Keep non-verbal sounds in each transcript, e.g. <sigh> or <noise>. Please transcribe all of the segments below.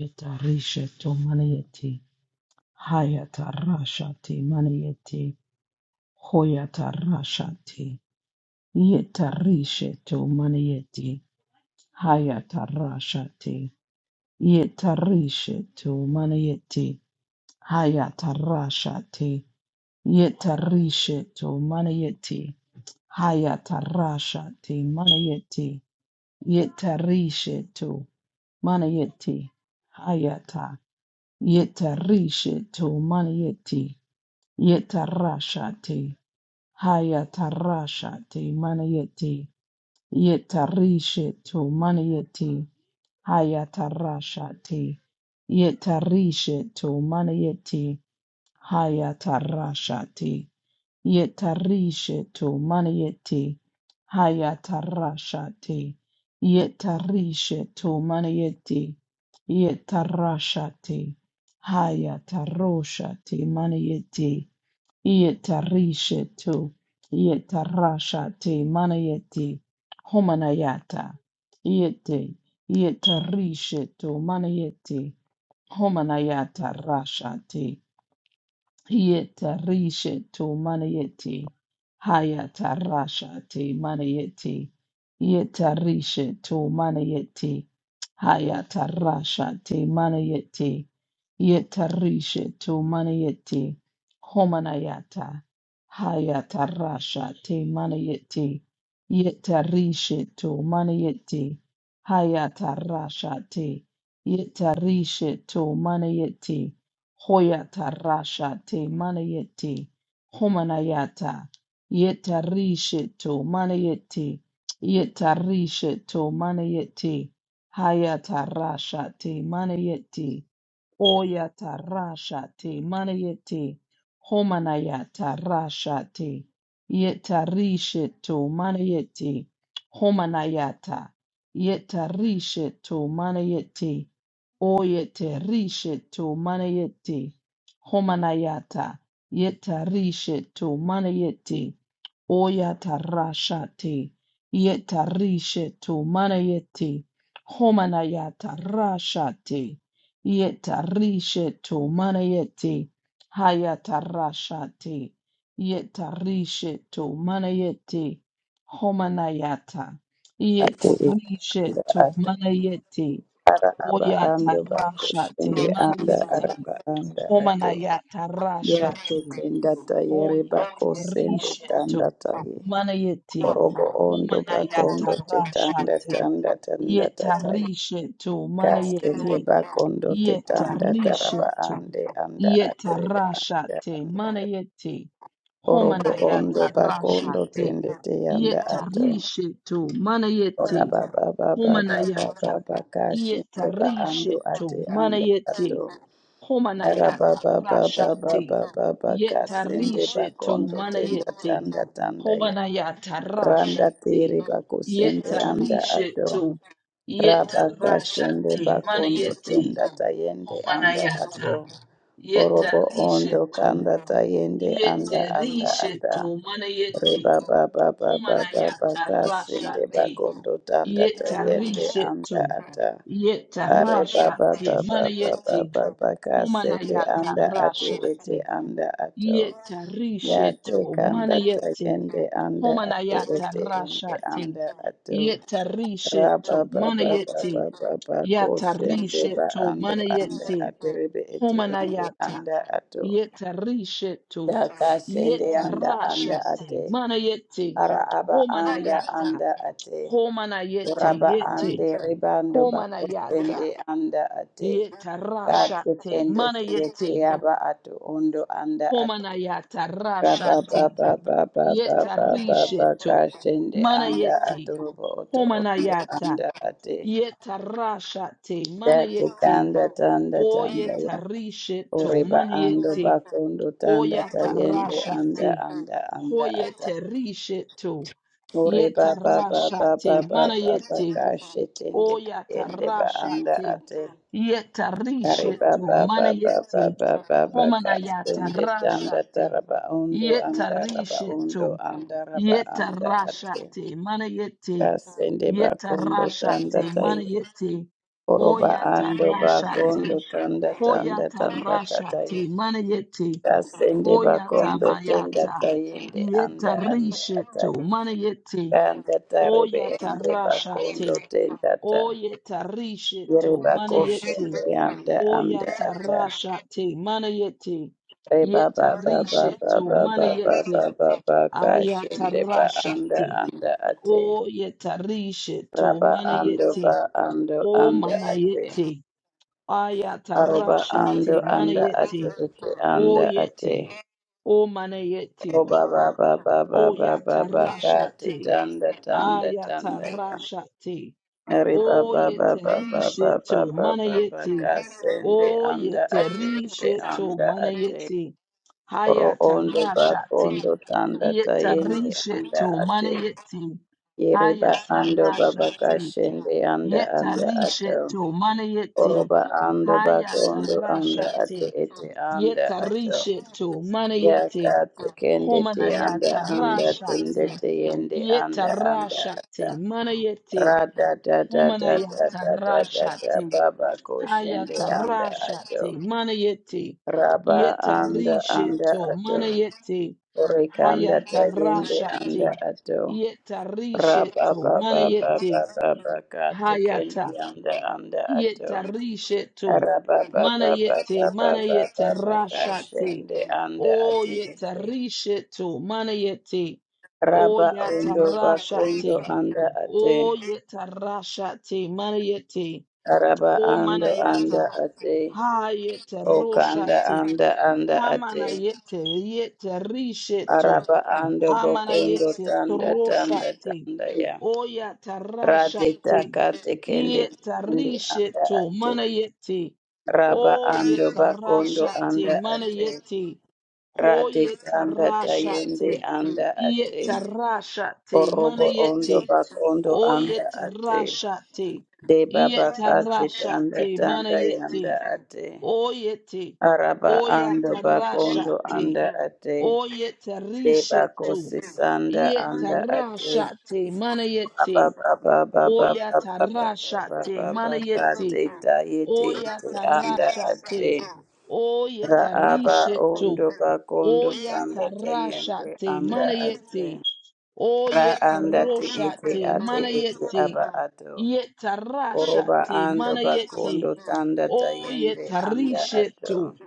Etarisha to maniete. Hayata rashati maniete. Hoyata rashati. Yetarisha to maniete. Hayata rashati. Yetarisha to maniete. Hayata rashati. Yetarisha to maniete. Hayata rashati maniete. Yetarisha to maniete. Hayata. Yetarisha to maniete. Yetarashate, Hayatarashate, Manayete, Yetarishetu, Manayete, Hayatarashate, Yetarishetu, Manayete, Hayatarashate, Yetarishetu, Manayete, Hayatarashate, Yetarishetu, Manayete, Yetarashate, Hayataroshate, Manayete, Yetarishetu, yetarashate, manayeti, homanayata, yete, yetarishetu, manayeti, homanayata, rashate, yetarishetu, manayeti, hayata, rashate, manayeti, yetarishetu, manayeti, Hayata rasha te manayete. Yeta rishe to manayete. Homanayata. Hayata rasha te manayete. Yeta rishe to manayete. Hayata rasha te. Yeta rishe to manayete. Hoyata rasha te manayete. Homanayata. Yeta rishe to manayete. Yeta rishe to manayete. Hayatarashate manayeti. Oyatarashate manayeti. Homanayatarashate. Yetarisheto manayeti. Homanayata. Yetarisheto manayeti. Oyetarisheto manayeti. Homanayata. Yetarisheto manayeti. Oyatarashate, yetarishetu manayete, homanayatarashate, yetarishetu manayete, hayatarashate, yetarishetu manayete, homanayata, ate anda yetarishetu ata manayete, ara aba ando oyatarashate bakoshende anda manayete, araba anda ato yate homanayatarashate, tenda tayere bakosende Oyetarishetu tanda taye manayeti orobo ondo homanayata bakondo tetanda rashate tanda tanda tataye yetarishetu kasende manayeti bakondo tetanda taraba yetarishetu ande anda atereba anda yetarashate anda manayeti orobo ondo homanayata bakondo rashate tende teyanda ato yetarishetu manayeti Ora ba ba ba ba ba ba ba homanayata ba ka shinde ba ando yetarishetu ate anda manayeti ato. Ora ba Homanayata ba ba ba ba Rashati ba ba ba ka Yeta sende ba Rishetu kondo tenda Manayete tanda tanda ya. Homanayata Randa Rashati tiri ba kusende Yeta anda ato. Rishetu Yeta Raba ka shinde ba Rashati kondo Manayete tenda tayende anda Homanayata ato. Yeta Orobo ondo Rishetu kanda tayende anda Yete anda ata. Rishetu Manayete Reba baba baba baba ba ba ba ka Homanayata sende Rashati bakondo tanda Yeta tayende anda Rishetu ata. Yeta Are baba Rashati baba baba ba ba Manayete sende Homanayata anda ate ete rashate. anda ato. Yeta Ya te risheto kanda manayete. tayende anda ate Homanayata ete ende rashate. anda ato. Yeta Ra risheto baba baba baba manayete. ba ba Yata sende ba risheto ando anda manayete. ate rebe ete ende Homanayata. anda ato. Yeta risheto. Da sende Yeta anda anda ate. rashate. Manayete. ara aba anda Homanayata. anda ate Homanayete. uraba ande Yete. ribando bako sende Homanayata. anda ate Yeta kate rashate. kende tiye Manayete. tiyaba atu undo anda atu Homanayata raba rashate baba baba yeta baba baba kashende risheto anda manayete atu rubo oto undo homanayata anda ate yeta rashate Datu manayete kanda tanda tanda oyeta ya risheto uriba ando manayete bakondo tanda oyata tayende anda rashate anda anda ata hoyete risheto Ore yeta ba ba ba ba rashate ba ba ba ba manayete ka shetende tende ba anda Oyatarashate. ate. Kare ba Yetarishetu. ba ba ba ba Manayeti. ba ba ba ka sende tanda Homanayatarashate. taraba undo anda raba undo Yetarishetu. anda raba anda ate. Yetarashate. Ka Manayeti. sende ba kondo tanda Yetarashate. tai. Manayeti. Oroba ando ba kondo Oyatarashate. tanda tanda tanda tatai. Hoyatarashate. Manayeti. Ka sende ba kondo tenda Oyatabayata. tayende anda anda Yetarishetu. atai. Manayeti. Kanda tarebe ende ba Oyatarashate. tenda ta. Oyetarishito, Yereba koshende manayete, anda anda oyatarashate, manayete, reba ba ba ba ba yetarishito, ba ba ba manayete, ba ba ba kashende ba anda ayatarashate, anda ate oyetarishito, raba ando manayete, ba ando o anda ate manayete, aroba ayatarashate, ando anda manayete, ate ete anda oyete, ate o manayete, roba ba ba ba ba ba ba ba tanda oyatarashate, tanda tanda ayatarashate, reba ba ba Oyete ba risheto ba ba manayeti. anda Oyete risheto anda ate manayeti. oro Hayata ondo ba rashati. kondo tanda Yeta tayende anda risheto ate manayeti. Hayata rashati. kashende anda anda Yeta risheto manayeti. ba ando ba Hayata rashati. ete anda Yeta risheto manayeti. kende te Homanayata rashati. te yende anda Yeta rashati manayeti. ra da da da Omana da yata da da da rashate. baba koshende Hayata anda rashate. Mana yete. raba Yeta anda anda risheto. ato Mana yete. rekanda ta Hayata yende anda rashate. ato Yeta raba risheto. ba Mana ba ba ba yete. ba ba ka te kende Hayata. anda anda ato Yeta risheto. raba ba Mana ba ba yete. ba ba Mana ba yete rashate. kende anda O yeta ato risheto. Mana yete. O Raba yata bakondo rashate. anda ate. O yeta rashate. Mana yete. Araba O ando manayata, anda ate. hayete Okanda roshate, anda anda ate. hamanayete, yete yete risheto, Araba ando bokondo amanayete tanda tanda troshate, tanda ya. oyata Rade rashate, takate kende yete kende anda risheto, ate. manayete, Raba ando oyete bakondo rashate, anda ate. manayete, Rade hoyete tanda tayende rashate, anda ate. yete rashate, Orobo ondo manayete. bakondo anda ate. Oyetarashate. De baba kati tanda Yetarashate. tanda Manayete. yanda ate. Oyete. Araba ando bakondo Oyatarashate. anda ate. De bako Oyetarishetu. sisanda anda ate. Yetarashate. Baba Manayete. baba baba baba baba Oyatarashate. baba Manayete. kati tayete ete anda Oyatarashate. ate. Raaba Oyetarishetu. ondo bakondo tayende Oyatarashate. anda ate. Manayete. Ra anda te Oyetaroshate. Manayete. ataba ato. Oroba Yetarashate ando bakondo manayete. tanda O tayende anda yetarishetu. ato.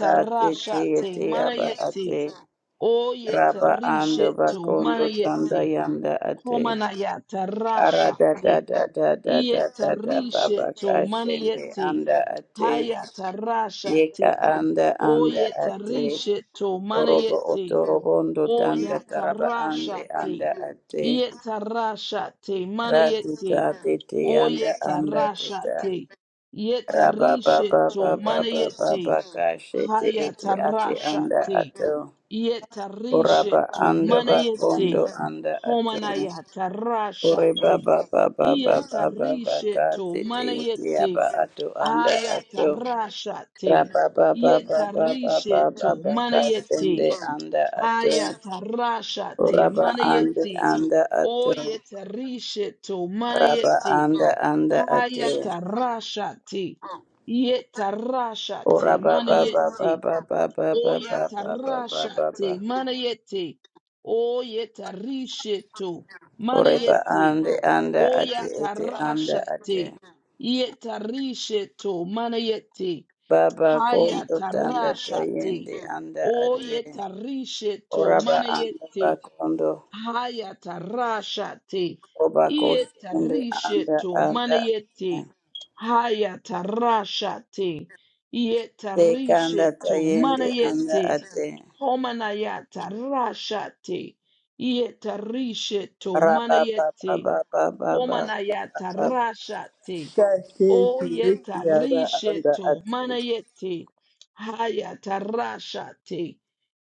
Rati ti ti aba manayete. ate. O Raba ando yetarishetu bakondo tanda manayete. yanda ate. Homanayata Ara da da rashate. da da da da da da baba Yetarishetu kashende manayete. anda ate. Hayata Yeka rashate. anda O anda ate. yetarishetu Orobo manayete. otorobondo O tanda taraba ande yatarashate. anda ate. Yetarashate Rati ta manayete. ti ti anda anda te ta. Oyetarashate. Raba baba Yetarishetu baba baba manayete. baba kashete ete ate anda Hayatarashate. ato. Oraba Yetarishetu anda manayete. bakondo anda ato. Ore Homanayatarashate. baba baba baba baba Yetarishetu kati te manayete. yaba ato anda ato. Ayatarashate. Raba baba baba baba Yetarishetu baba manayete. kasende anda ato. Ayatarashate Oraba anda manayete. anda ato. Oyetarishetu Raba manayete. anda anda ato. Hayatarashati. Yetarashati. Oraba baba Manayeti. baba baba baba baba baba Oyatarashati. baba. Manayeti. Oyetarishitu. Oreba Manayeti. ande anda ate ete anda Oyatarashati. ate. Yetarishitu. Manayeti. Baba kondo tanda Hayatarashati. tayende anda ate. Oyetarishitu. Oraba anda Manayeti. bakondo. Hayatarashate. Oba koshende anda Yetarisheto anda manayete. ate. Hayatarashate. Tekanda Yetarisheto tayende anda manayete. ate. Homanayatarashate. Yetarisheto Raba manayete. baba baba baba baba. Homanayatarashate. Kase O kiriki yaba anda yetarisheto ate. manayete. Hayatarashate.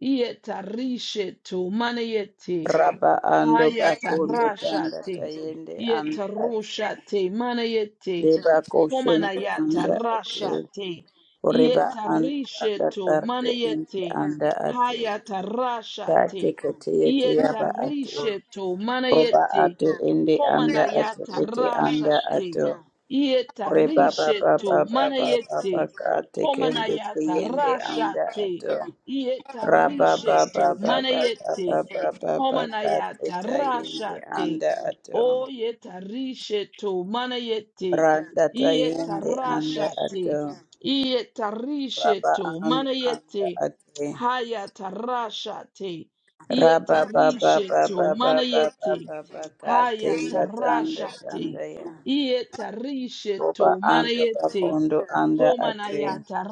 Yetarisheto manayete. Raba ando bakondo tanda Hayatarashate. tayende anda ate. Yetarushate. Manayete. Deba koshende Homanayata anda ate. rashate. Uriba Yeta and anda risheto tarbe inti manayete. anda ate. Hayata Kati rashate. kati yeti Yeta yaba atu. risheto Roba manayete. atu indi anda atu Homanayata iti anda rashate. atu. Yeta Uriba ba ba risheto ba ba ba ba manayete. ba kati kendi Homanayata kiyindi anda rashate. atu. Yeta Raba ba risheto ba ba ba ba manayete. ba ba ba ba kati Homanayata tayindi rashate. anda atu. O yeta risheto manayete. Randa tayindi anda atu. Ietarashati. Raba Ietarishetu. anda anda Manayeti. ate. Hayatarashati. Raba ba ba ba Ietarishetu. ba ba ba ba Manayeti. ba ba ka tinda tanda tanda Hayatarashati. ya. Roba Ietarishetu. ando ba Manayeti. kondo anda ate. Homanayata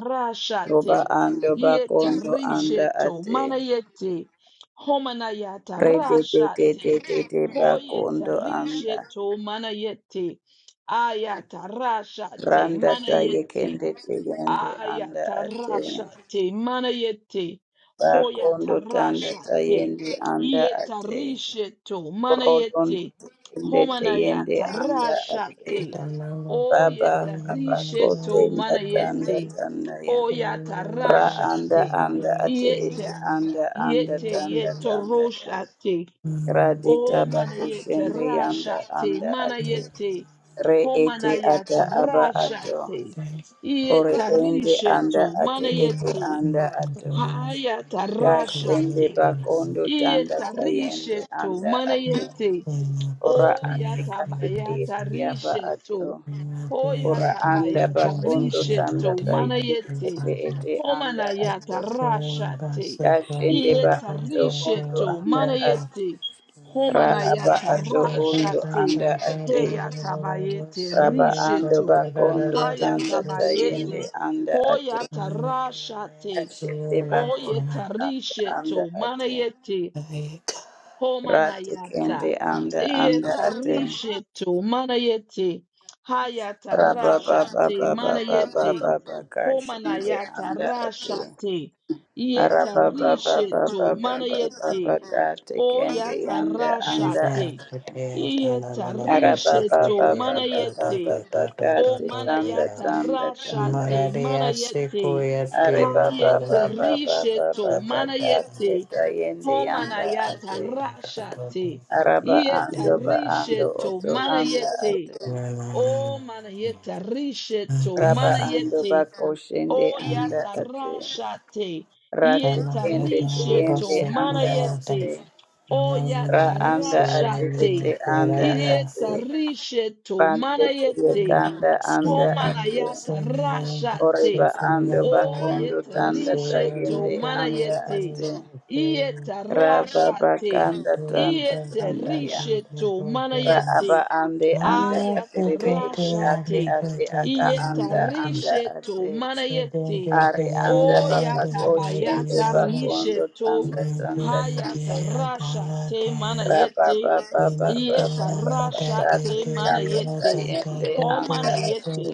Roba rashate. ando ba Yeta kondo anda risheto ate. manayete. Homanayata Re de de de rashate. de de de ba Hoyeta kondo anda. risheto manayete. Ayata rashate Randa ta manayete. yekende te yende Aya anda ate. tarasha te manayete Ba hoya kondo tanda tarasha ta te yende anda ate. yetarishe to Rodon manayete te homanaya yende anda tarasha ate. te Thank o Baba Baba yetarishe Kote to Tanda manayete Tanda Ya o ya Ra tarasha Anda te Anda Ate Ete yeta Anda Anda yete Tanda Tanda Ya yetorosha te. Radita O manayete Bakushende Yanda rashate, Anda Ate manayete, Re Ete homanayata Ata Aba Ato rashate, Ore ieta Ende Anda risheto, Ate Ete manayete, Anda Ato hayata Kasende rashate, Bakondo Tanda ieta Tayende risheto, Anda Ato manayete. Ora O Ate Katete yatabayata Ete Aba risheto. Ato Ho Ora anda yatabayata bakondo tanda risheto. tayende Manayete. ete you. ete anda ato. Homanayata rashate. Kashende ba Ieta ato ondo risheto. anda ato. Manayete. Ra aba Homanayata ato ondo rashate. anda ate. Heyatabayete Raba ando risheto. bakondo tanda tayende Hayatabayete. anda Ho ato. yata rashate. Kashende bakondo Oyeta tanda anda risheto. ate. Manayete. Rati kende Homanayata. anda anda Yeta ate. rishetu. Manayete. Hayata Raba ba ba rashate. ba ba ba ba Manayete. ba ba kashende Homanayata anda ate. rashate. Yeta rishetu. Manayete. Arabababababababababada tekende Oyata yanda anda rashate. ate. Yeta rishetu. Manayete. O Arababababababababakati tanda manayata tanda tanda. rashate Maria manayete Sequoia, hayete dear, risheto Thank Arababababababababakati manayete tayende ho yanda manayata ate. rashate Araba yeta ando ba ando risheto oto anda manayete ate. o manayeta risheto Raba ando ba manayete koshende o anda yata ate. rashate Rati yeta kende tayende risheto anda manayete ate. ra anda ate ete Oyatarashate. anda ate Iyetarisheto. pande tiye Manayete. anda ate oreba Homanayatarashate. ando bakondo tanda Oyetarisheto. tayende anda Manayete. ate you. ra baba Iyetarashate. Thank tanda tanda ya Iyeterisheto. you. ra aba Manayete ande anda ate rebe ete ate ayatarashate ate aka anda anda yetarisheto ate manayete are anda baba koshende bakondo oyatabayatarisheto tanda tanda tanda ya hayatarashate manayete yetarashate Rababababababababakati kanda manayete kayende ho anda manayete ate.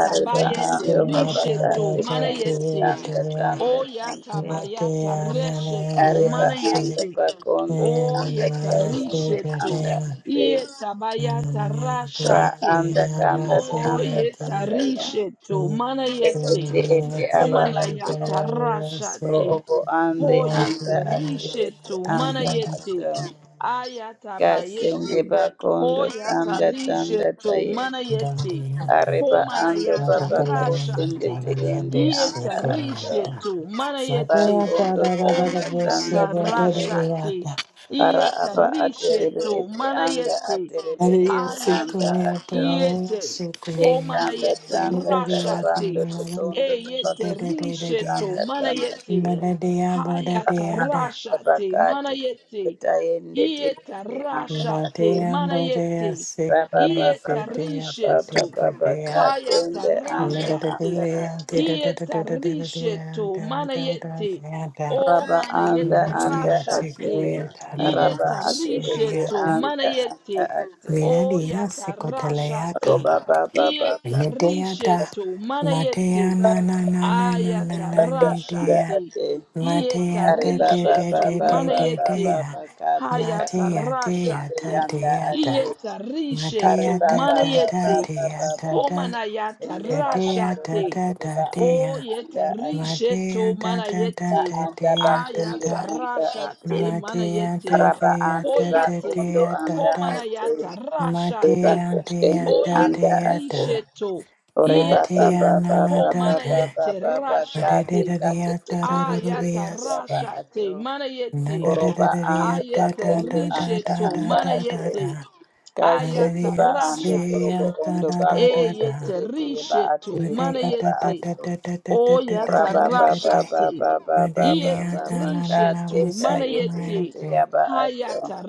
Areba ando risheto babakati kende manayete tanda tanda Oyata tande. bayata reshetu Areba ando manayeti. bakondo And then the tanda Oyeta last day, kayende the rishetu. anda day, ate. Yeta and then bayata the last Ra day, rashati. the anda day, I kanda was O tanda here, the day, tanda ya. yetarishe to and mana Re yete. then Eti the ete last day, aba the ati. day, Omanayata the last Ro day, rashate. obo ande Ho Lord, the anda last ate yeterishe ete to day, mana anda and the yete. ato. last Ayata Kasende bayete. Ho bakondo tanda yatarishe tanda to taye. mana day, God, the yete. last day. Areba Ho ando manayata baba ko Matakalalaya, tende rashate. tende tadadadabusi, anda ato. Yetarishe kurayata. to mana yete. Mataya, Bakondo O tanda tanda tadadadabusi, yata tanda ya. rashate. kurayata. Para apa Yetarishe aterebe to ete mana anda yete. aterebe Maria ete se anda Ayata, corria ato. para Yete, se De corria. homana tanda yete, tanda Toda dia tarabando Rashate, toda la totondo la tobako de Eyete, de de sondo de Risheto, de. tanda mana tanda te. yete, Bada dia bada Para Hayata, dia de. ando baba Rashate, kate tende Manayete, tayende yete, yete tende anda ato. Rashate, Matea mana bodea yete, se Baba corria baba de Yeta, baba de baba pate Risheto, baba pate. Hayata, katende anda Mada de anda Rashate, dia ate. de de de de de Yeta, de de de de Risheto, da mana da da yete, da da. O Raba mana anda yete, anda Matea se ate. Rashate, corria da la la Raba do Yeta, ate ete Risheto, suriata. mana anda anda yete. ate. O Minadia se coteleata. yatarashate. Roba baba baba baba Ledea da, Ietarishetu manayete. Matea na na na na na na na anda anda Ledea, Ayatarashate. ate. Matea Ari da de baba de Ietarishetu de baba de baba de manayete. dea, baba kate kanda Matea dea kayende Hayatarashate. da yanda dea ate. da, Ari Ietarishetu Matea da baba da baba da manayete. baba dea da baba. da, Sende da ba dea ando da Homanayatarashate. da ate da O dea, yetarishetu Matea da da da ba manayete. da anda ba dea da kondo da, anda Ayatarashate ate Matea manayete. da araba dea ande da ba da Hoyete. kondo dea da anda da, ate Homanayata eba rashate. Matea dea koshende da Oyeta anda dea ate da. risheto. ore ba ba Iete. Matiya ba ba nana ba ba ba dada, ba Homanayete ba ba kate rashate. kate badadadadaya kete kete Ayata dadadadadaya kete ya se, rashate. ato Manayete. oroba anda nadadadadaya ba Ayete kondo anda risheto. anda ate Manayete. dadadadadadadadada, kashende Ayata ba manadaya ando se torobo ya rashate. ondo ba kondo te Eyete dadadadada, te ba ate risheto. ete aba Manayete. ato Oyata Raba ba ba madekadadadadadadadadadadadadada, ba rashate. ba ba ba ba madadaya Ieta ba ba dananana kate risheto. ka wase yete Manayete. yete kumayate, yaba ato. Hayata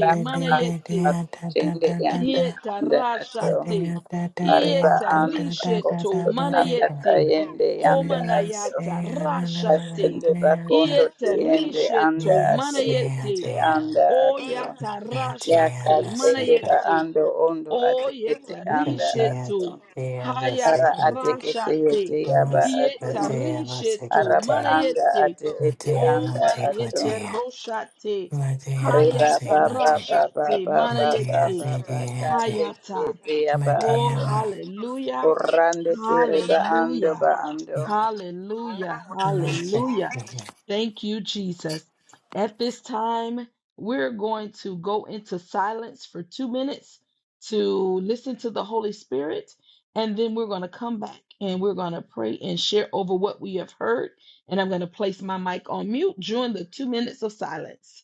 Raba ando Manayete. bako chende yanda dadadadada, anda ato. Yetarashate. madaya dadadadaya Ariba ando bako Yetarisheto ndo tanda dadadadada manayete. tayende yanda Hallelujah, ato. Homanayata say rashate. hallelujah, Kasende bako dear, da. ndo tayende Yetarisheto anda Yeah, ato. say manayete. Rebekete dear. anda ato. Oyata God, Ya dear, rashate kasende Masika. ba manayete. ando ondo atikete God, anda dear, Oyetarisheto. ato. dear, Masika, Ara Hayata dear. atikete rashate. yete yaba Masika, ato dear, Yetarisheto Masika, araba dear. anda manayete. ate ete Matea, O anda Mateko, ato manayete dear. roshate. Matea, reba Hayata ba Masika, ba dear. ba ba rashate ba ba ba manayete. Matea, ba dear, ba ka dear, te dear. ki Hayata. ete aba Oh, ato Matea, hallelujah. orande te reba ando Hallelujah. ba ando Hallelujah. Masika, Hallelujah. dear. Thank you, Jesus. At this time, we're going to go into silence for two minutes to listen to the Holy Spirit. And then we're going to come back and we're going to pray and share over what we have heard. And I'm going to place my mic on mute during the two minutes of silence.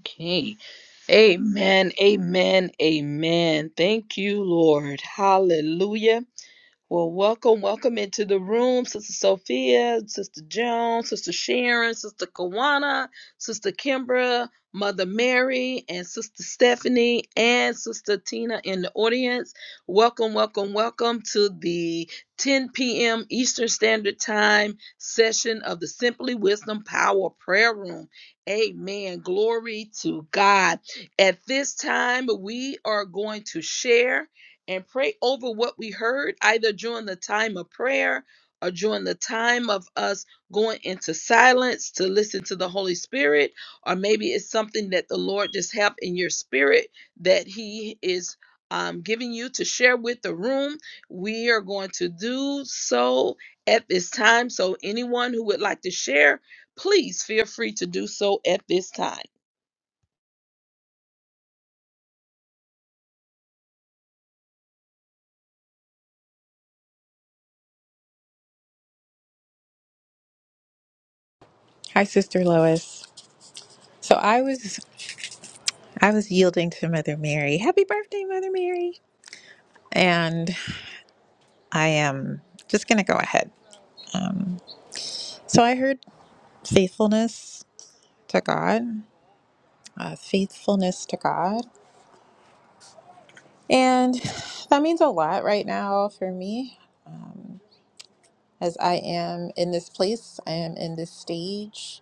Okay. Amen. Amen. Amen. Thank you, Lord. Hallelujah. Well, welcome, welcome into the room, Sister Sophia, Sister Joan, Sister Sharon, Sister Kawana, Sister Kimbra, Mother Mary, and Sister Stephanie, and Sister Tina in the audience. Welcome, welcome, welcome to the 10 p.m. Eastern Standard Time session of the Simply Wisdom Power Prayer Room. Amen. Glory to God. At this time, we are going to share and pray over what we heard, either during the time of prayer or during the time of us going into silence to listen to the Holy Spirit, or maybe it's something that the Lord just have in your spirit that He is um, giving you to share with the room. We are going to do so at this time. So, anyone who would like to share, please feel free to do so at this time. Hi, Sister Lois. So I was I was yielding to Mother Mary. Happy birthday, Mother Mary! And I am just gonna go ahead. Um, so I heard faithfulness to God, uh, faithfulness to God, and that means a lot right now for me, um, as I am in this place. I am in this stage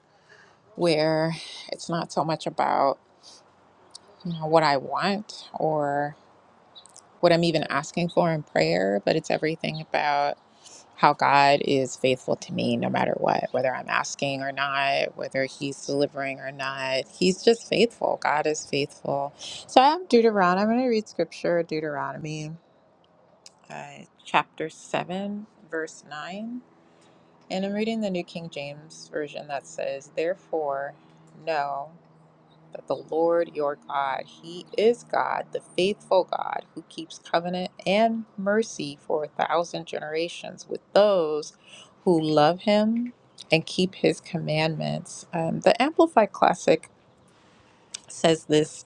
where it's not so much about you know what I want or what I'm even asking for in prayer, but it's everything about how God is faithful to me no matter what, whether I'm asking or not, whether He's delivering or not. He's just faithful. God is faithful. So I have Deuteronomy. I'm going to read scripture, Deuteronomy uh, chapter 7, verse 9. And I'm reading the New King James Version that says, Therefore, know." that the Lord your God, He is God, the faithful God, who keeps covenant and mercy for a thousand generations with those who love Him and keep His commandments. Um, the Amplified Classic says this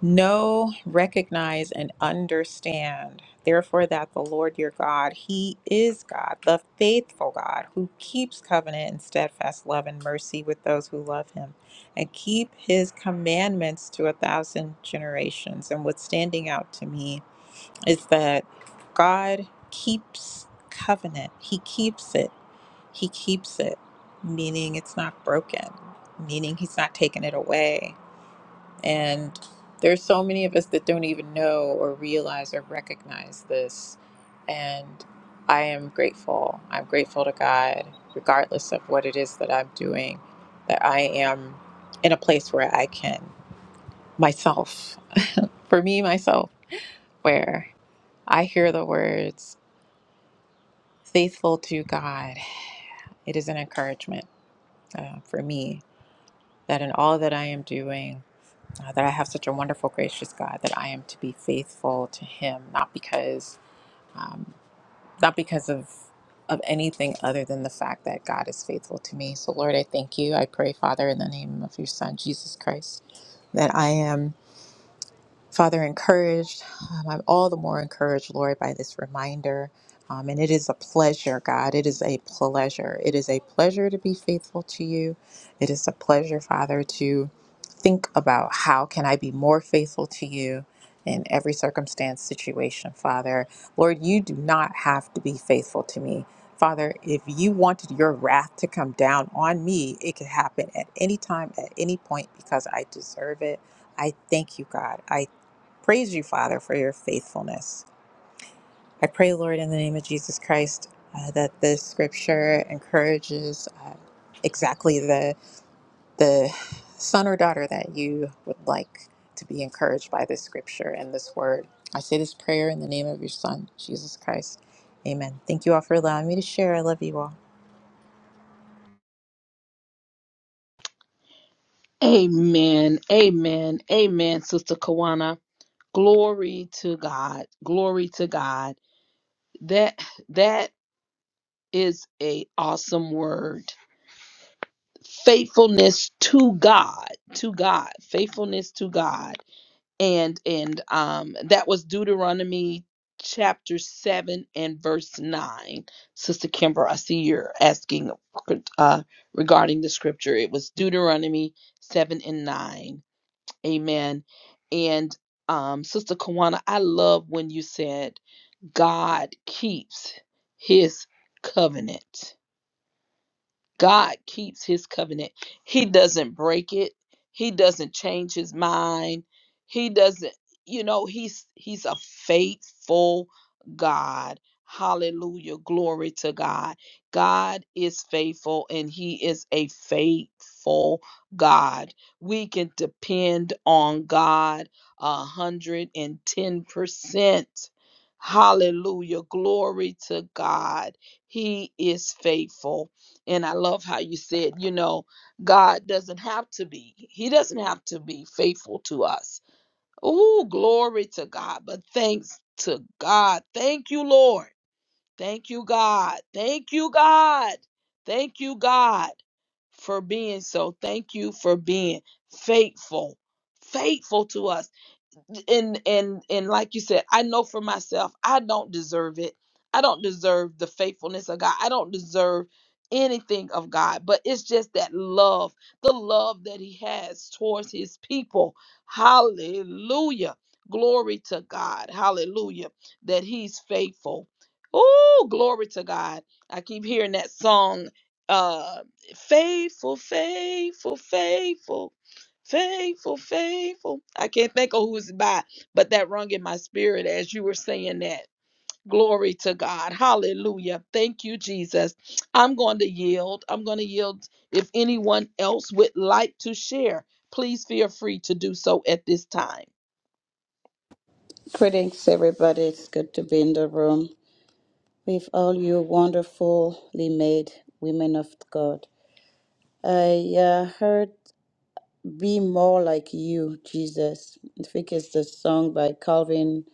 Know, recognize, and understand, therefore, that the Lord your God, He is God, the faithful God, who keeps covenant and steadfast love and mercy with those who love Him, and keep His commandments to a thousand generations. And what's standing out to me is that God keeps covenant, He keeps it, He keeps it, meaning it's not broken, meaning He's not taking it away and there's so many of us that don't even know or realize or recognize this. And I am grateful. I'm grateful to God, regardless of what it is that I'm doing, that I am in a place where I can myself, for me, myself, where I hear the words, faithful to God. It is an encouragement uh, for me that in all that I am doing, uh, that I have such a wonderful, gracious God, that I am to be faithful to Him, not because, um, not because of of anything other than the fact that God is faithful to me. So, Lord, I thank you. I pray, Father, in the name of Your Son Jesus Christ, that I am. Father, encouraged. Um, I'm all the more encouraged, Lord, by this reminder. Um, and it is a pleasure, God. It is a pleasure. It is a pleasure to be faithful to you. It is a pleasure, Father, to think about how can I be more faithful to you in every circumstance, situation, Father. Lord, you do not have to be faithful to me. Father, if you wanted your wrath to come down on me, it could happen at any time, at any point, because I deserve it. I thank you, God. I praise you, Father, for your faithfulness. I pray, Lord, in the name of Jesus Christ, uh, that this scripture encourages uh, exactly the the son or daughter that you would like to be encouraged by this scripture and this word. I say this prayer in the name of your Son, Jesus Christ. Amen. Thank you all for allowing me to share. I love you all. Amen. Amen. Amen, Sister Kawana. Glory to God. Glory to God. That that is a awesome word. Faithfulness to God. To God. Faithfulness to God. And and um that was Deuteronomy chapter 7 and verse 9. Sister Kimber, I see you're asking uh regarding the scripture. It was Deuteronomy 7 and 9. Amen. And um Sister Kawana, I love when you said God keeps his covenant. God keeps his covenant. He doesn't break it. He doesn't change his mind. He doesn't, you know, he's he's a faithful God. Hallelujah. Glory to God. God is faithful and he is a faithful God. We can depend on God a hundred and ten percent. Hallelujah. Glory to God. He is faithful. And I love how you said, you know, God doesn't have to be, He doesn't have to be faithful to us. Oh, glory to God. But thanks to God. Thank you, Lord. Thank you, God. Thank you, God. Thank you, God, for being so. Thank you for being faithful, faithful to us and and and like you said i know for myself i don't deserve it i don't deserve the faithfulness of god i don't deserve anything of god but it's just that love the love that he has towards his people hallelujah glory to god hallelujah that he's faithful oh glory to god i keep hearing that song uh faithful faithful faithful Faithful, faithful. I can't think of who's by, but that rung in my spirit as you were saying that. Glory to God. Hallelujah. Thank you, Jesus. I'm going to yield. I'm going to yield. If anyone else would like to share, please feel free to do so at this time. greetings everybody it's good to be in the room with all you wonderfully made women of god i uh, heard be more like you jesus i think it's the song by calvin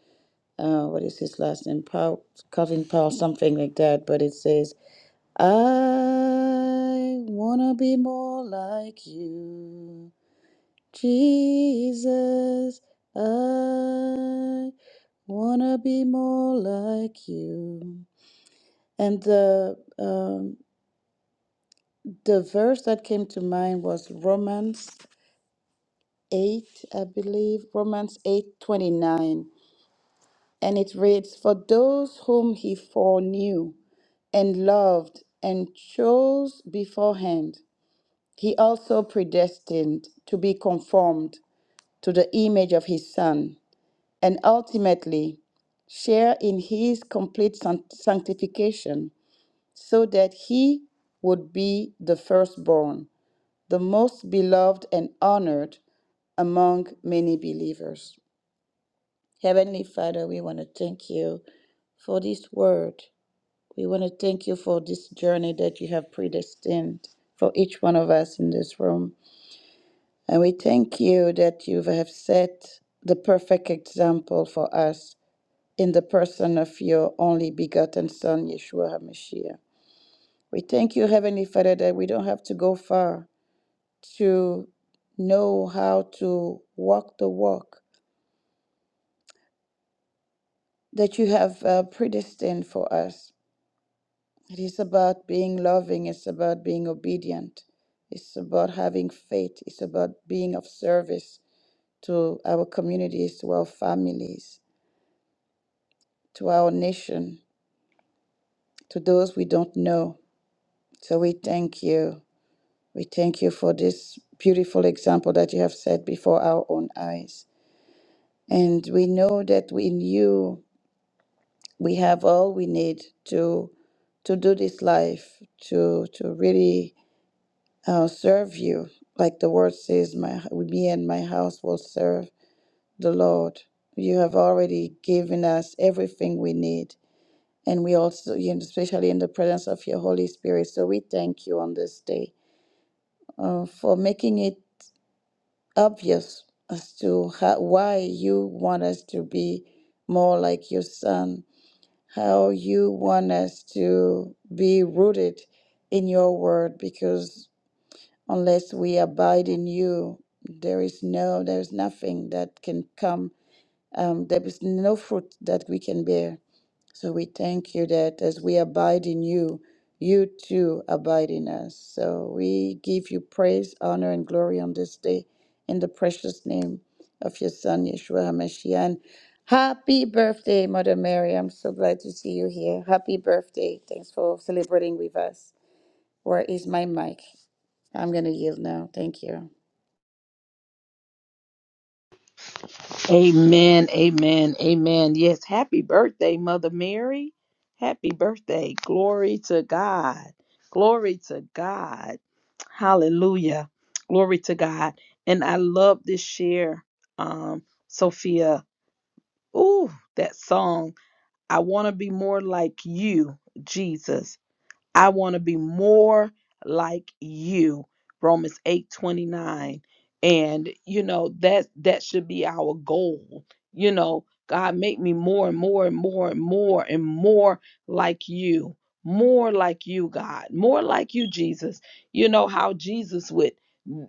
uh, what is his last name? Paul, Calvin Powell, something like that. But it says, I wanna be more like you, Jesus. I wanna be more like you. And the um, the verse that came to mind was Romans eight, I believe, Romans eight twenty nine, and it reads, "For those whom he foreknew and loved and chose beforehand." he also predestined to be conformed to the image of his Son, and ultimately share in his complete san- sanctification, so that he would be the firstborn, the most beloved and honored among many believers. Heavenly Father, we want to thank you for this word. We want to thank you for this journey that you have predestined for each one of us in this room. And we thank you that you have set the perfect example for us in the person of your only begotten Son, Yeshua HaMashiach. We thank you, Heavenly Father, that we don't have to go far to know how to walk the walk that you have uh, predestined for us. It is about being loving, it's about being obedient, it's about having faith, it's about being of service to our communities, to our families. to our nation, to those we don't know. So we thank you. We thank you for this beautiful example that you have set before our own eyes. And we know that in you we have all we need to to do this life, to to really uh, serve you. Like the word says, my me and my house will serve the Lord. You have already given us everything we need And we also, you know, especially in the presence of your Holy Spirit. So we thank you on this day uh, for making it obvious as to how, why you want us to be more like your Son, how you want us to be rooted in your word, because unless we abide in you, there is no, there is nothing that can come. Um, there is no fruit that we can bear So we thank you that as we abide in you, you too abide in us. So we give you praise, honor, and glory on this day in the precious name of your Son, Yeshua HaMashiach. And Happy birthday, Mother Mary. I'm so glad to see you here. Happy birthday. Thanks for celebrating with us. Where is my mic? I'm going to yield now. Thank you. Amen, amen, amen. Yes, happy birthday, Mother Mary. Happy birthday. Glory to God. Glory to God. Hallelujah. Glory to God. And I love this share, um, Sophia. Ooh, that song. I want to be more like you, Jesus. I want to be more like you. Romans 8 29, And you know, that that should be our goal. You know, God make me more and more and more and more and more like you. More like you, God. More like you, Jesus. You know how Jesus would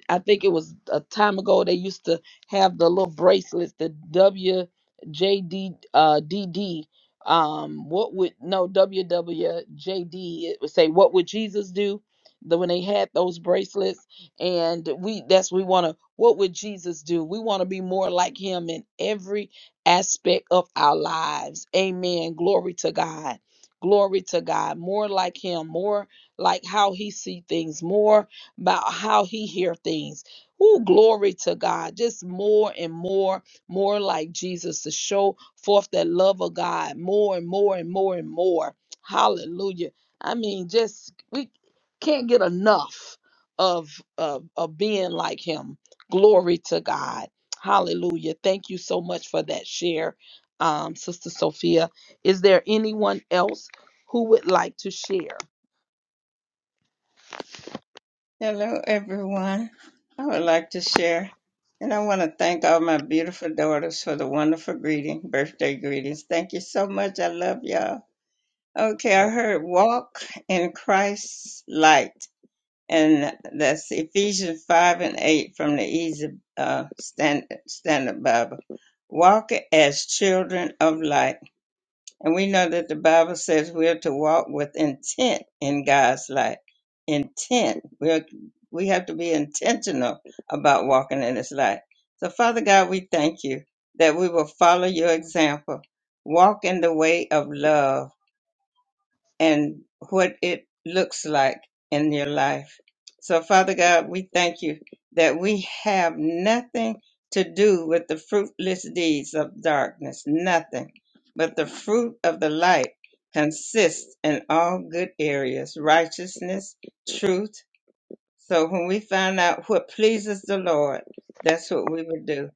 I think it was a time ago they used to have the little bracelets, the WJD uh DD um what would no wwjd it would say what would jesus do the, when they had those bracelets and we that's we want to what would jesus do we want to be more like him in every aspect of our lives amen glory to god glory to god more like him more like how he see things more about how he hear things Ooh, glory to god just more and more more like Jesus to show forth that love of God more and more and more and more. Hallelujah. I mean, just we can't get enough of of, of being like him. Glory to God. Hallelujah. Thank you so much for that share, um, Sister Sophia. Is there anyone else who would like to share? Hello, everyone. I would like to share, and I want to thank all my beautiful daughters for the wonderful greeting, birthday greetings. Thank you so much. I love y'all. Okay, I heard walk in Christ's light, and that's Ephesians 5 and 8 from the Easy uh, Standard, Standard Bible. Walk as children of light and we know that the Bible says we're to walk with intent in God's light. Intent. We're, we have to be intentional about walking in His light. So, Father God, we thank you that we will follow your example, walk in the way of love and what it looks like in your life. So, Father God, we thank you that we have nothing to do with the fruitless deeds of darkness, nothing. But the fruit of the light consists in all good areas righteousness, truth, so when we find out what pleases the Lord, that's what we would do.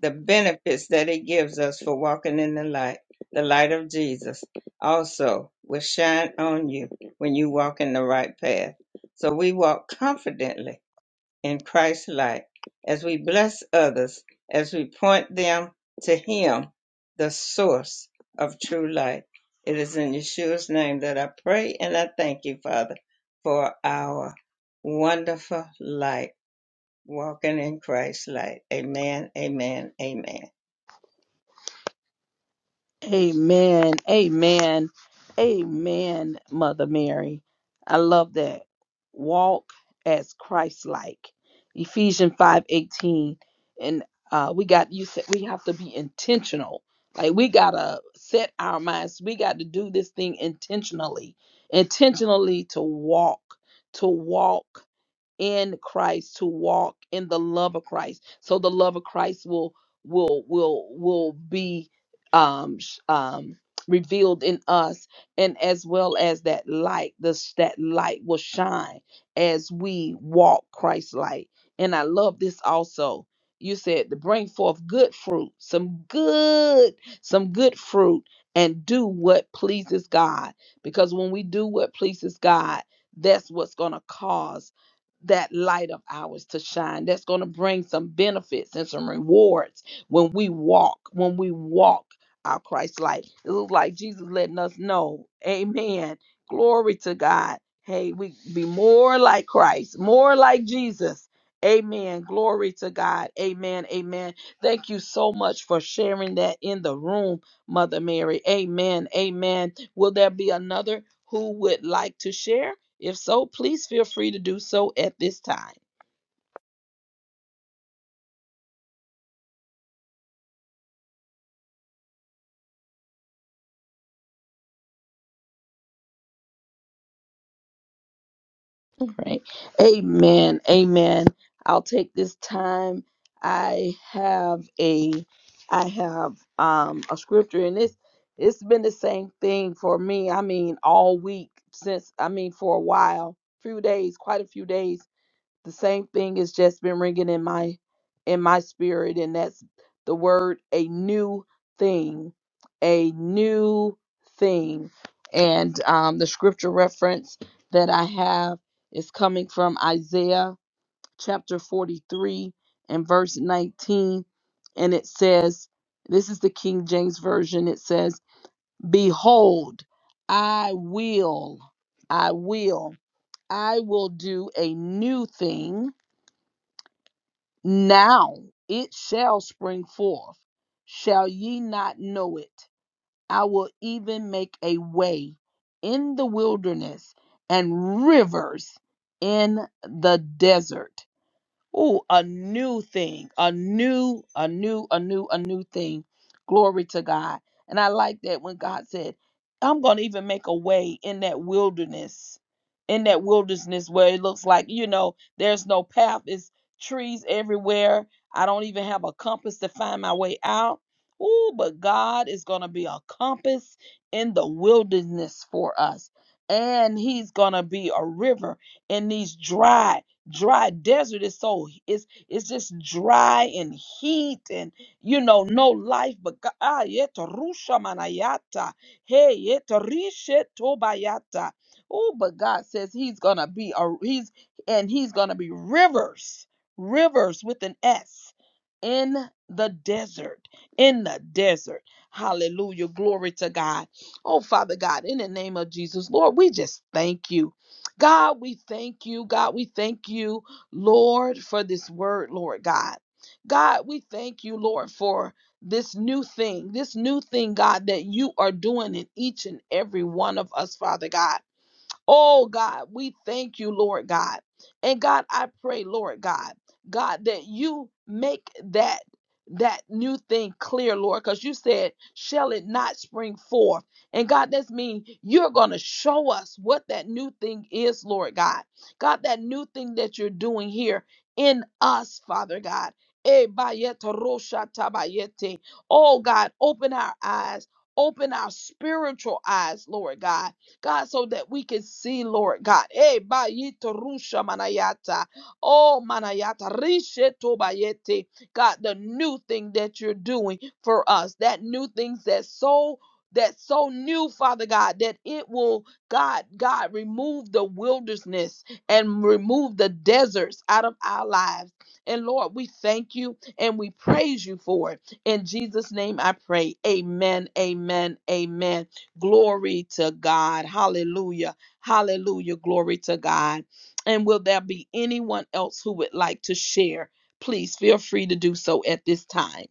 The benefits that He gives us for walking in the light, the light of Jesus, also will shine on you when you walk in the right path. So we walk confidently in christ light, as we bless others, as we point them to Him, the source of true light. It is in Yeshua's name that I pray and I thank you, Father, for our wonderful light, walking in Christ's light. Amen, amen, amen. Amen. Amen. Amen, Mother Mary. I love that. Walk as Christ like. Ephesians 5 18, And uh, we got, you said we have to be intentional. Like we got to set our minds. We got to do this thing intentionally, intentionally to walk, to walk in Christ to walk in the love of Christ. So the love of Christ will will will will be um sh- um revealed in us and as well as that light this that light will shine as we walk Christ's light. And I love this also. You said to bring forth good fruit, some good some good fruit and do what pleases God because when we do what pleases God that's what's going to cause that light of ours to shine that's going to bring some benefits and some rewards when we walk when we walk our christ life it looks like jesus letting us know amen glory to god hey we be more like christ more like jesus amen glory to god amen amen thank you so much for sharing that in the room mother mary amen amen will there be another who would like to share if so, please feel free to do so at this time. All right. Amen. Amen. I'll take this time. I have a I have um a scripture and it's it's been the same thing for me. I mean all week since I mean for a while, few days, quite a few days the same thing has just been ringing in my in my spirit and that's the word a new thing a new thing and um, the scripture reference that i have is coming from isaiah chapter 43 and verse 19 and it says this is the king james version it says behold i will i will i will do a new thing now it shall spring forth. Shall ye not know it? I will even make a way in the wilderness and rivers in the desert. Oh, a new thing, a new, a new, a new, a new thing. Glory to God. And I like that when God said, I'm going to even make a way in that wilderness, in that wilderness where it looks like, you know, there's no path, it's trees everywhere. I don't even have a compass to find my way out. Oh, but God is going to be a compass in the wilderness for us. And he's going to be a river in these dry dry desert is so it's it's just dry and heat and you know no life but God ah, yeta rusha manayata hey yeta rishe tobayata oh but God says he's gonna be a he's and he's gonna be rivers rivers with an s in the desert in the desert hallelujah glory to God oh father God in the name of Jesus Lord we just thank you God, we thank you. God, we thank you, Lord, for this word, Lord God. God, we thank you, Lord, for this new thing, this new thing, God, that you are doing in each and every one of us, Father God. Oh God, we thank you, Lord God. And God, I pray, Lord God, God, that you make that that new thing clear, Lord, because you said, shall it not spring forth? And God, that's mean you're gonna show us what that new thing is, Lord God. God, that new thing that you're doing here in us, Father God. Eh, bayete rosha tabayete. Oh God, open our eyes, open our spiritual eyes, Lord God God, so that we can see, Lord God. Eh, ba rusha manayata. Oh, manayata. rishe to bayete. God, the new thing that you're doing for us, that new things that's so that's so new, Father God, that it will, God, God, remove the wilderness and remove the deserts out of our lives. And Lord, we thank you and we praise you for it. In Jesus' name I pray. Amen, amen, amen. Glory to God. Hallelujah. Hallelujah. Glory to God. And will there be anyone else who would like to share? Please feel free to do so at this time.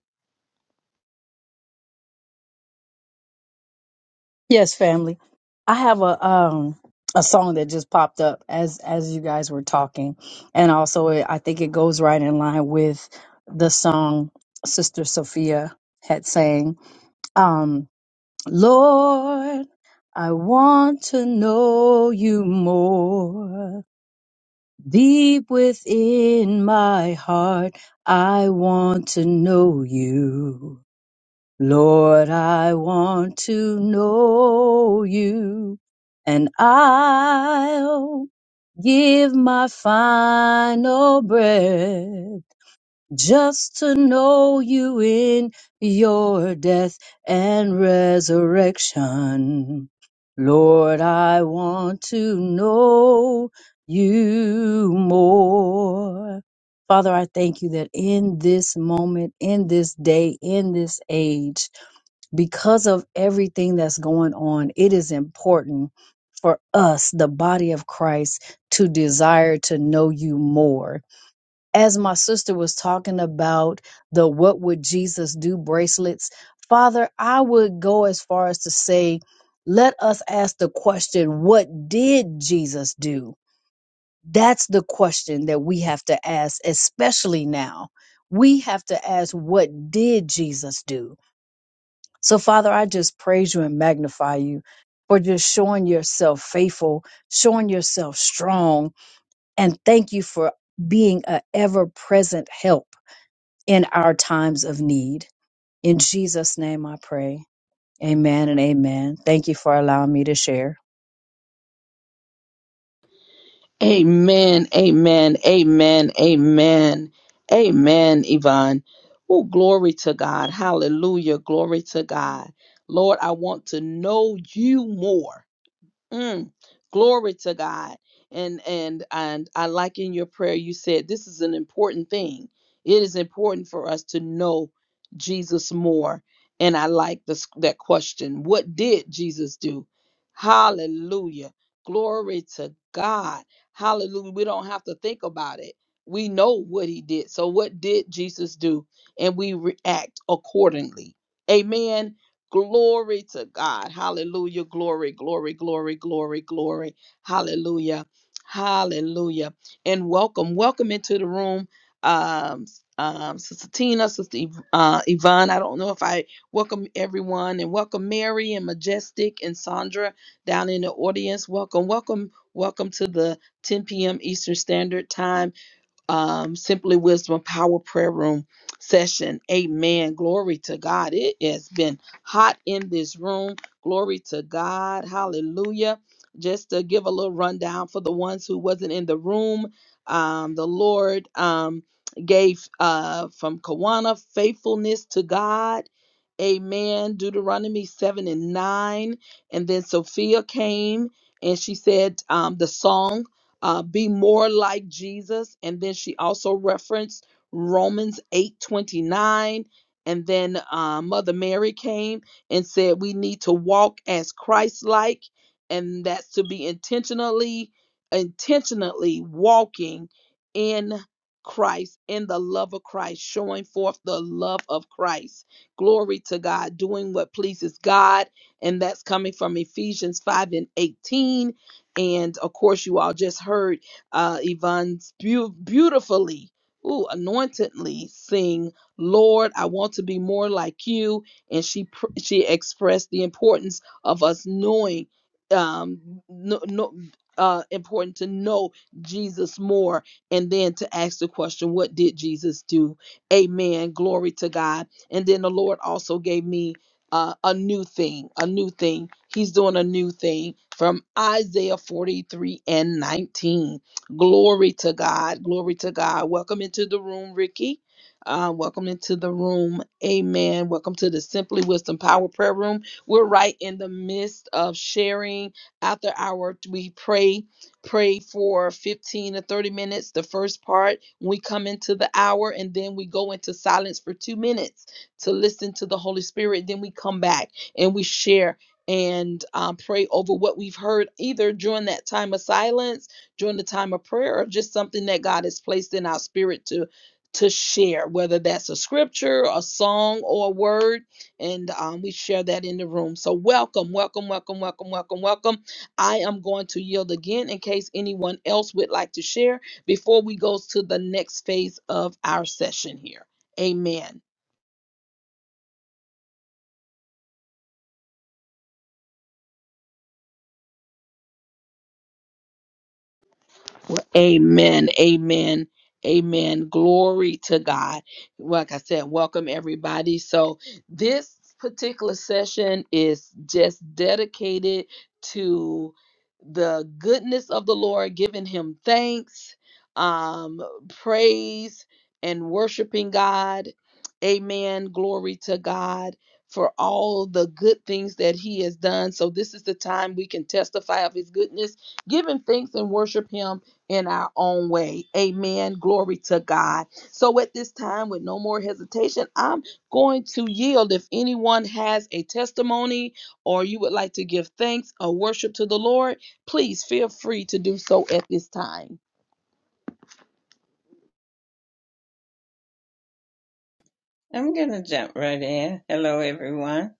Yes, family. I have a um a song that just popped up as as you guys were talking, and also it, I think it goes right in line with the song Sister Sophia had sang. Um, Lord, I want to know you more. Deep within my heart, I want to know you. Lord, I want to know you and I'll give my final breath just to know you in your death and resurrection. Lord, I want to know you more. Father, I thank you that in this moment, in this day, in this age, because of everything that's going on, it is important for us, the body of Christ, to desire to know you more. As my sister was talking about the What Would Jesus Do bracelets, Father, I would go as far as to say, let us ask the question, What did Jesus do? That's the question that we have to ask, especially now. We have to ask, What did Jesus do? So, Father, I just praise you and magnify you for just showing yourself faithful, showing yourself strong, and thank you for being an ever present help in our times of need. In Jesus' name I pray. Amen and amen. Thank you for allowing me to share. Amen. Amen. Amen. Amen. Amen, Yvonne. Oh, glory to God. Hallelujah. Glory to God. Lord, I want to know you more. Mm, glory to God. And and and I like in your prayer you said this is an important thing. It is important for us to know Jesus more. And I like this that question. What did Jesus do? Hallelujah. Glory to God. Hallelujah. We don't have to think about it. We know what he did. So what did Jesus do? And we react accordingly. Amen. Glory to God. Hallelujah. Glory, glory, glory, glory, glory. Hallelujah. Hallelujah. And welcome, welcome into the room. Um, um, Sister Tina, Sister Yv- uh, Yvonne. I don't know if I welcome everyone and welcome Mary and Majestic and Sandra down in the audience. Welcome, welcome, welcome to the 10 p.m. Eastern Standard Time um, Simply Wisdom Power Prayer Room session. Amen. Glory to God. It has been hot in this room. Glory to God. Hallelujah. Just to give a little rundown for the ones who wasn't in the room, um, the Lord um, gave uh, from Kawana faithfulness to God. Amen. Deuteronomy 7 and 9. And then Sophia came and she said um, the song uh, be more like Jesus. And then she also referenced Romans 8 29, And then uh, Mother Mary came and said, We need to walk as Christ like. And that's to be intentionally, intentionally walking in Christ, in the love of Christ, showing forth the love of Christ. Glory to God, doing what pleases God. And that's coming from Ephesians 5 and 18 and of course, you all just heard uh, Yvonne's beau- beautifully, ooh, anointedly sing, "Lord, I want to be more like you." And she pr- she expressed the importance of us knowing, um, no, no, uh, important to know Jesus more, and then to ask the question, "What did Jesus do?" Amen. Glory to God. And then the Lord also gave me uh, a new thing, a new thing. He's doing a new thing from Isaiah 43 and 19. Glory to God. Glory to God. Welcome into the room, Ricky. Uh, welcome into the room. Amen. Welcome to the Simply Wisdom Power Prayer Room. We're right in the midst of sharing after our we pray pray for 15 to 30 minutes the first part we come into the hour and then we go into silence for 2 minutes to listen to the Holy Spirit. Then we come back and we share and um, pray over what we've heard either during that time of silence, during the time of prayer, or just something that God has placed in our spirit to to share, whether that's a scripture, a song, or a word. And um, we share that in the room. So welcome, welcome, welcome, welcome, welcome, welcome. I am going to yield again in case anyone else would like to share before we go to the next phase of our session here. Amen. Well, Amen. Amen. Amen. Glory to God. Like I said, welcome everybody. So, this particular session is just dedicated to the goodness of the Lord, giving him thanks, um, praise, and worshiping God. Amen. Glory to God for all the good things that he has done. So, this is the time we can testify of his goodness, giving thanks and worship him in our own way. Amen. Glory to God. So at this time, with no more hesitation, I'm going to yield. If anyone has a testimony or you would like to give thanks or worship to the Lord, please feel free to do so at this time. I'm going to jump right in. Hello, everyone.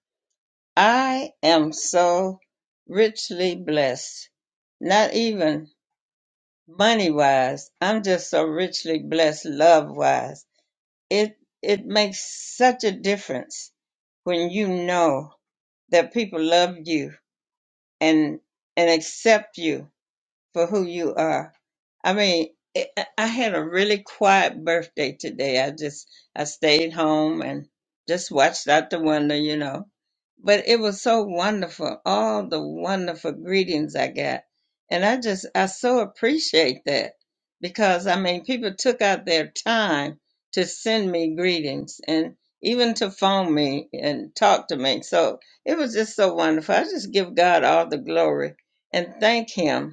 I am so richly blessed. Not even money wise. I'm just so richly blessed love wise. It it makes such a difference when you know that people love you and and accept you for who you are. I mean, it, I I had a really quiet birthday today. I just I stayed home and just watched out the window, you know. But it was so wonderful, all the wonderful greetings I got. And I just I so appreciate that because I mean, people took out their time to send me greetings and even to phone me and talk to me. So it was just so wonderful. I just give God all the glory and thank him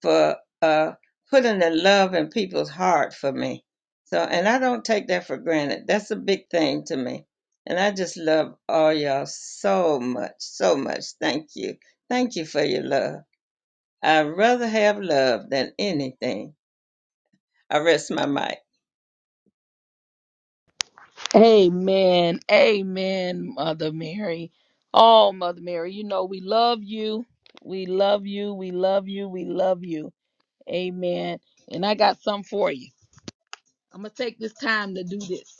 for uh, putting the love in people's heart for me. So, and I don't take that for granted. That's a big thing to me. And I just love all y'all so much, so much. Thank you. Thank you for your love. I'd rather have love than anything. I rest my mic. Amen. Amen, Mother Mary. Oh, Mother Mary, you know we love you. We love you. We love you. We love you. Amen. And I got some for you. I'm going to take this time to do this.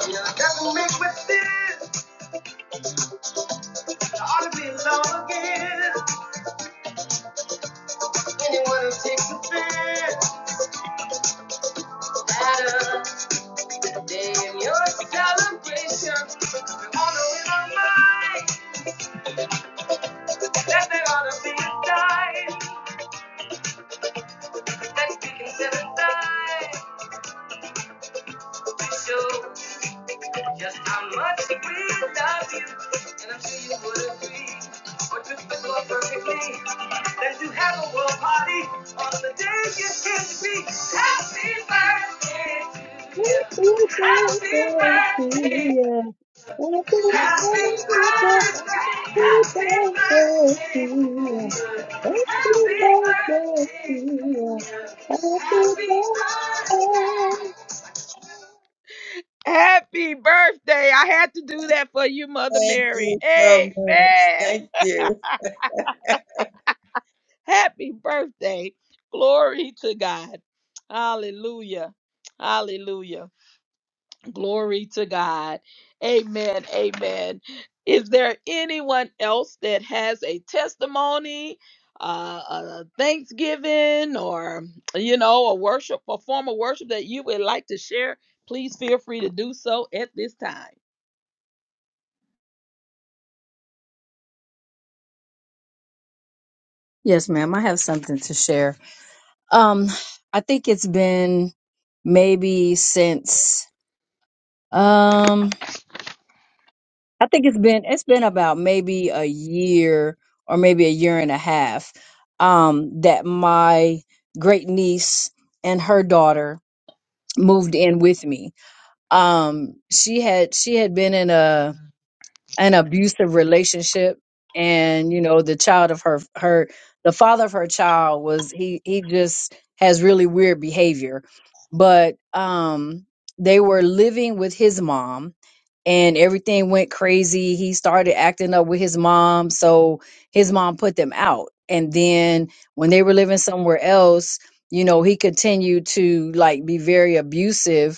That's what makes me feel that I ought to be alone again. Anyone who takes offense, matters Today in your celebration, we all know in our mind that there ought to be a time that we can set aside to show. Just how much we love you, and I'm sure you would agree. What could fit more perfectly than to have a world party on the day you came to be? Happy birthday to you. Happy birthday. Happy birthday. Happy birthday to you. Happy birthday to you. <laughs> Happy birthday. Happy birthday. I had to do that for you, Mother Thank Mary. you so much. Amen. Thank <laughs> you. Happy birthday. Glory to God. Hallelujah. Hallelujah. Glory to God. Amen. Amen. Is there anyone else that has a testimony, uh, a Thanksgiving, or, you know, a worship, a form of worship that you would like to share? Please feel free to do so at this time. Yes, ma'am. I have something to share. Um, I think it's been maybe since um I think it's been it's been about maybe a year or maybe a year and a half um that my great niece and her daughter moved in with me. Um she had she had been in a an abusive relationship and you know the child of her her the father of her child was he he just has really weird behavior but um they were living with his mom and everything went crazy he started acting up with his mom so his mom put them out and then when they were living somewhere else you know he continued to like be very abusive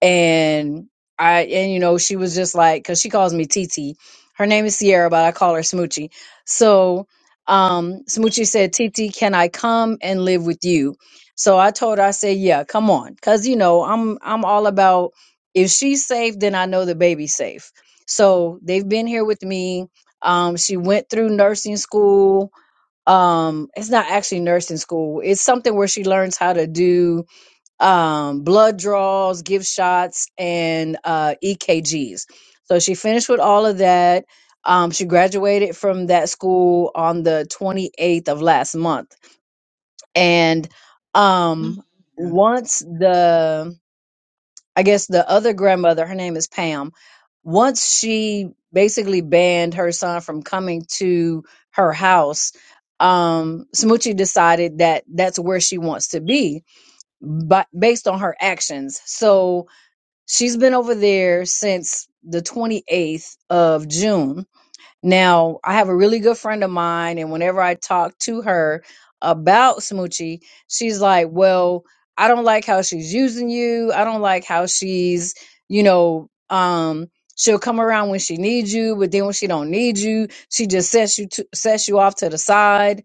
and I and you know she was just like because she calls me TT. Her name is Sierra, but I call her Smoochie. So um, Smoochie said, "TT, can I come and live with you?" So I told her, I said, "Yeah, come on," because you know I'm I'm all about if she's safe, then I know the baby's safe. So they've been here with me. Um, she went through nursing school. Um, it's not actually nursing school. It's something where she learns how to do um, blood draws, give shots, and uh, EKGs. So she finished with all of that. Um, she graduated from that school on the 28th of last month. And um, once the, I guess the other grandmother, her name is Pam, once she basically banned her son from coming to her house, um, Smoochie decided that that's where she wants to be but based on her actions. So she's been over there since the 28th of June. Now, I have a really good friend of mine, and whenever I talk to her about Smoochie, she's like, Well, I don't like how she's using you. I don't like how she's, you know, um, she'll come around when she needs you, but then when she don't need you, she just sets you to, sets you off to the side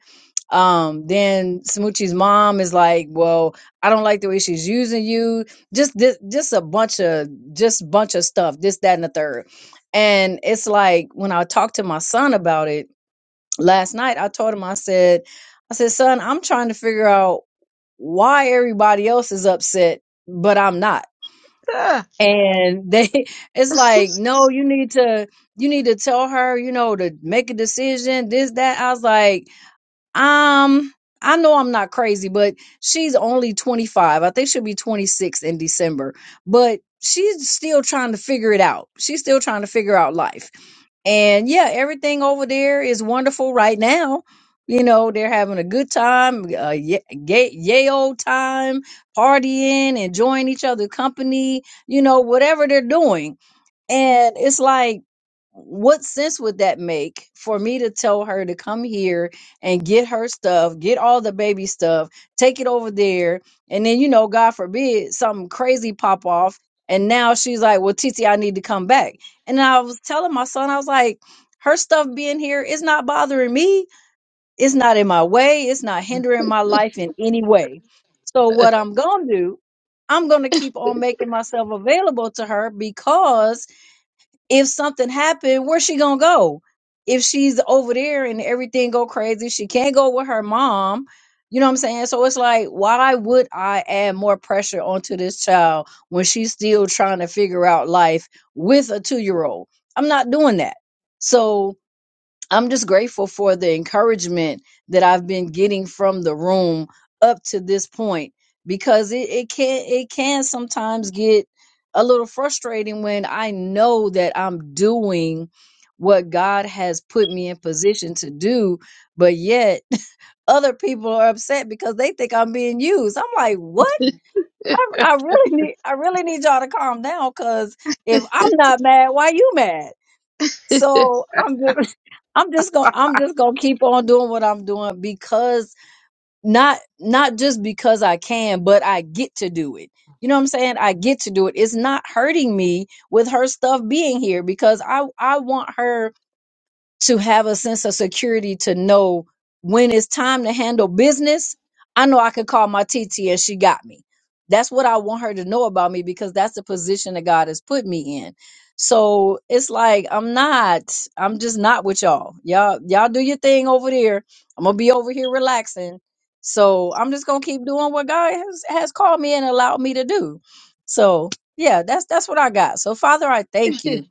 um, then Smoochie's mom is like, "Well, I don't like the way she's using you." Just this, just a bunch of just bunch of stuff. This, that, and the third. And it's like when I talked to my son about it last night, I told him, I said, "I said, son, I'm trying to figure out why everybody else is upset, but I'm not." <laughs> And they, <laughs> it's like, no, you need to, you need to tell her, you know, to make a decision. This, that. I was like um, I know I'm not crazy, but she's only 25. I think she'll be 26 in December, but she's still trying to figure it out. She's still trying to figure out life. And yeah, everything over there is wonderful right now. You know, they're having a good time, uh, ye- gay, yay old time, partying, enjoying each other's company, you know, whatever they're doing and it's like, what sense would that make for me to tell her to come here and get her stuff, get all the baby stuff, take it over there, and then you know, God forbid, something crazy pop off, and now she's like, "Well, Titi, I need to come back." And I was telling my son, I was like, "Her stuff being here is not bothering me. It's not in my way. It's not hindering my life in any way. So what I'm gonna do." I'm going to keep on making myself available to her because if something happened, where's she gonna go? If she's over there and everything go crazy, she can't go with her mom. You know what I'm saying? So it's like, why would I add more pressure onto this child when she's still trying to figure out life with a two year old? I'm not doing that. So I'm just grateful for the encouragement that I've been getting from the room up to this point because it, it can it can sometimes get a little frustrating when I know that I'm doing what God has put me in position to do, but yet <laughs> other people are upset because they think I'm being used. I'm like, what? I, I really need I really need y'all to calm down because if I'm not mad, why you mad? So I'm just <laughs> I'm just gonna I'm just gonna keep on doing what I'm doing because not not just because I can, but I get to do it. You know what I'm saying? I get to do it. It's not hurting me with her stuff being here because I I want her to have a sense of security to know when it's time to handle business. I know I can call my TT and she got me. That's what I want her to know about me because that's the position that God has put me in. So it's like I'm not, I'm just not with y'all. Y'all, y'all do your thing over there. I'm gonna be over here relaxing. So I'm just gonna keep doing what God has, has called me and allowed me to do. So yeah, that's that's what I got. So Father, I thank you.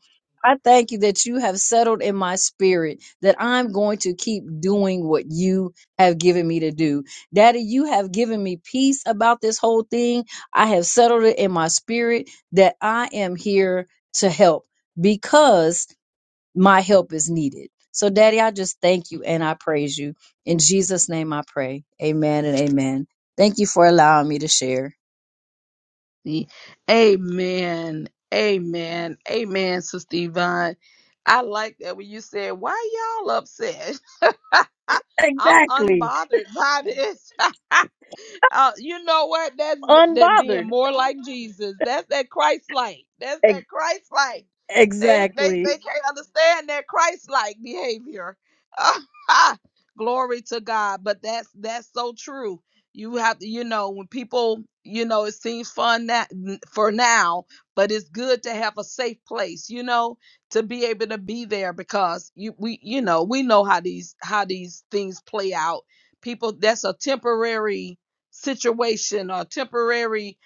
I thank you that you have settled in my spirit that I'm going to keep doing what you have given me to do. Daddy, you have given me peace about this whole thing. I have settled it in my spirit that I am here to help because my help is needed. So, Daddy, I just thank you and I praise you. In Jesus' name I pray. Amen and amen. Thank you for allowing me to share. Amen. Amen. Amen, Sister Yvonne. I like that when you said, Why y'all upset? <laughs> I'm Exactly. unbothered by this. <laughs> uh, you know what? That's that being Unbothered. more like Jesus. That's that Christ like. That's Ex- that Christ like. They they exactly. they can't understand that Christ like behavior. <laughs> Glory to God. But that's that's so true. You have to, you know, when people, you know, it seems fun that for now, but it's good to have a safe place, you know to be able to be there because you we you know we know how these how these things play out people that's a temporary situation or temporary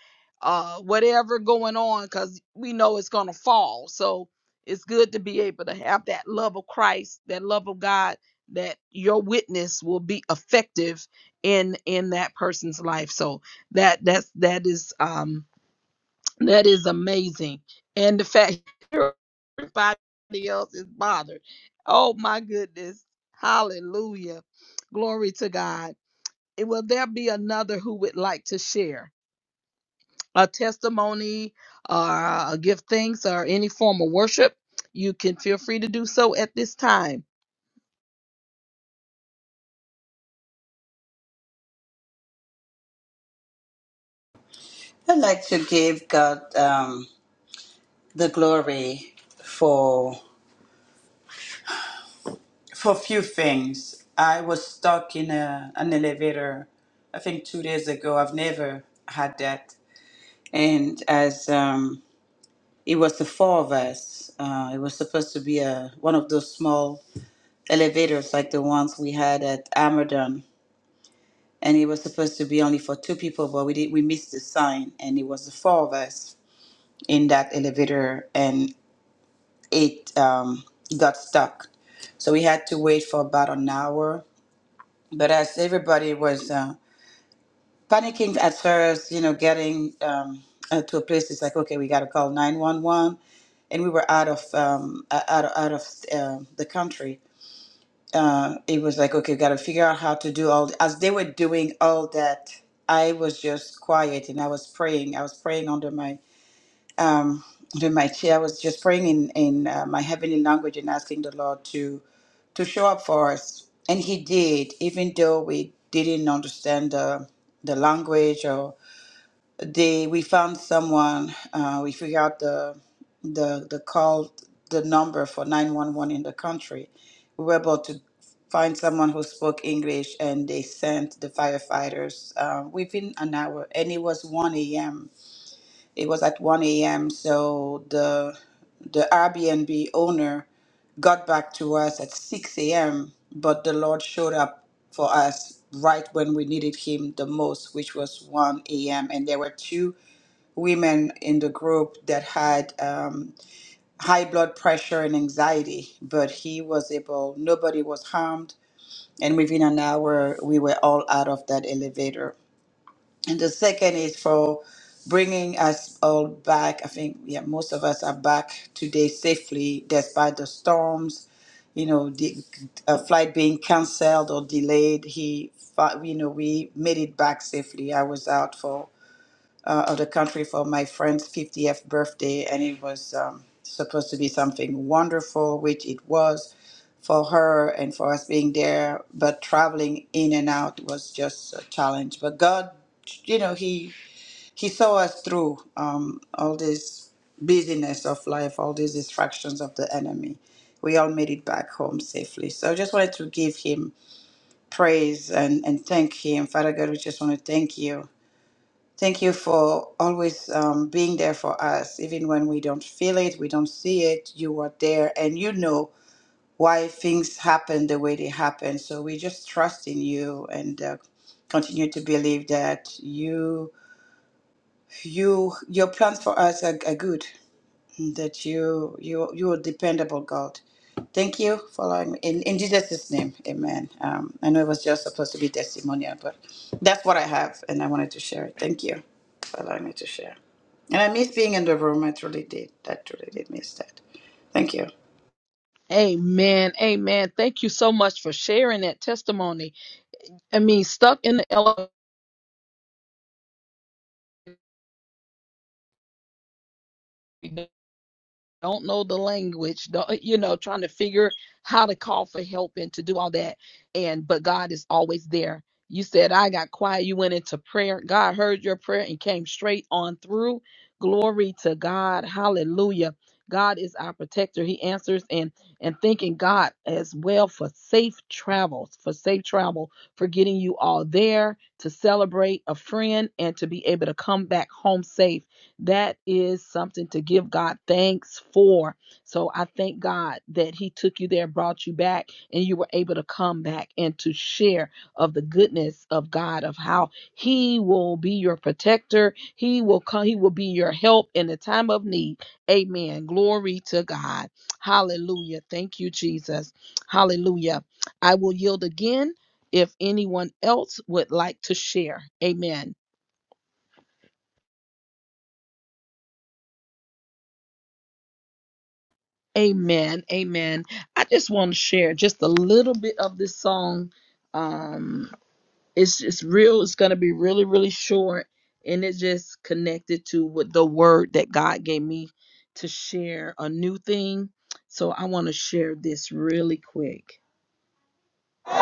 uh whatever going on because we know it's gonna fall so it's good to be able to have that love of christ that love of god that your witness will be effective in in that person's life so that that's that is um that is amazing and the fact <laughs> everybody else is bothered. Oh my goodness. Hallelujah. Glory to God. And will there be another who would like to share a testimony or give thanks or any form of worship? You can feel free to do so at this time. I'd like to give God um, the glory for. for a few things. I was stuck in a, an elevator, I think two days ago. I've never had that. And as um, it was the four of us, uh, it was supposed to be a, one of those small elevators like the ones we had at Amadon. And it was supposed to be only for two people, but we did, we missed the sign, and it was the four of us in that elevator, and it um, got stuck. So we had to wait for about an hour. But as everybody was uh, panicking at first, you know, getting um, uh, to a place. It's like, okay, we got to call nine one one, and we were out of um, uh, out of, out of uh, the country. Uh, it was like, okay, got to figure out how to do all. As they were doing all that, I was just quiet and I was praying. I was praying under my um, under my chair. I was just praying in in uh, my heavenly language and asking the Lord to to show up for us, and He did, even though we didn't understand the the language or. They we found someone. Uh, we figured out the the the call the number for nine one one in the country. We were able to find someone who spoke English, and they sent the firefighters uh, within an hour. And it was one a.m. It was at one a.m. So the the Airbnb owner got back to us at 6 a.m., but the Lord showed up for us right when we needed Him the most, which was 1 a.m. And there were two women in the group that had um, high blood pressure and anxiety, but he was able, nobody was harmed. And within an hour, we were all out of that elevator. And the second is for bringing us all back. I think, yeah, most of us are back today safely despite the storms, you know, the uh, flight being canceled or delayed. He, fi- you know, we made it back safely. I was out for uh, of the country for my friend's 50th birthday, and it was um, supposed to be something wonderful, which it was for her and for us being there. But traveling in and out was just a challenge. But God, you know, He He saw us through um, all this busyness of life, all these distractions of the enemy. We all made it back home safely. So I just wanted to give Him praise and, and thank Him. Father God, we just want to thank you Thank you for always um, being there for us, even when we don't feel it, we don't see it. You are there, and you know why things happen the way they happen. So we just trust in you and uh, continue to believe that you, you, your plans for us are, are good that you you you are dependable God. Thank you for allowing me. In, in Jesus' name, amen. Um, I know it was just supposed to be testimonial, but that's what I have, and I wanted to share it. Thank you for allowing me to share. And I miss being in the room. I truly did. I truly did miss that. Thank you. Amen. Amen. Thank you so much for sharing that testimony. I mean, stuck in the elevator. don't know the language, don't, <laughs> you know, trying to figure how to call for help and to do all that. And but God is always there. You said I got quiet. You went into prayer. God heard your prayer and came straight on through. Glory to God. Hallelujah. God is our protector. He answers and and thanking God as well for safe travels, for safe travel, for getting you all there to celebrate a friend and to be able to come back home safe that is something to give God thanks for. So I thank God that He took you there, brought you back, and you were able to come back and to share of the goodness of God, of how He will be your protector. He will come, He will be your help in the time of need. Amen. Glory to God. Hallelujah. Thank you, Jesus. Hallelujah. I will yield again if anyone else would like to share. Amen. Amen. Amen. I just want to share just a little bit of this song. Um, it's just real. It's going to be really, really short. And it's just connected to what the word that God gave me to share a new thing. So I want to share this really quick.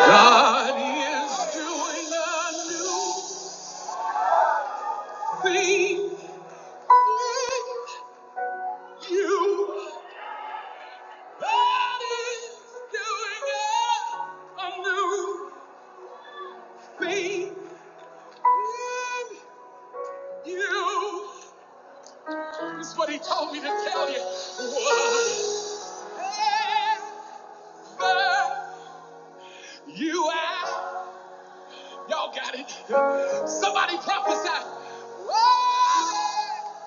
God is doing a new thing in you. God is doing a, a new me and you. This is what he told me to tell you. Whatever you ask, y'all got it. Somebody prophesy. Whatever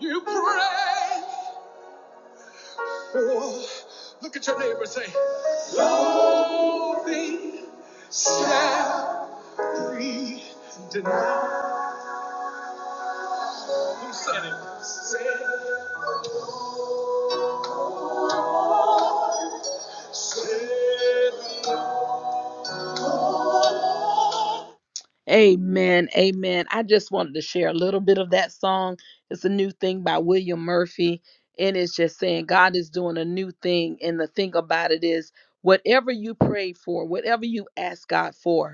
you pray for. Look at your neighbor and say, No thing shall be denied. Who said it? Said it. Amen. Amen. I just wanted to share a little bit of that song. It's a new thing by William Murphy. And it's just saying God is doing a new thing. And the thing about it is, whatever you pray for, whatever you ask God for,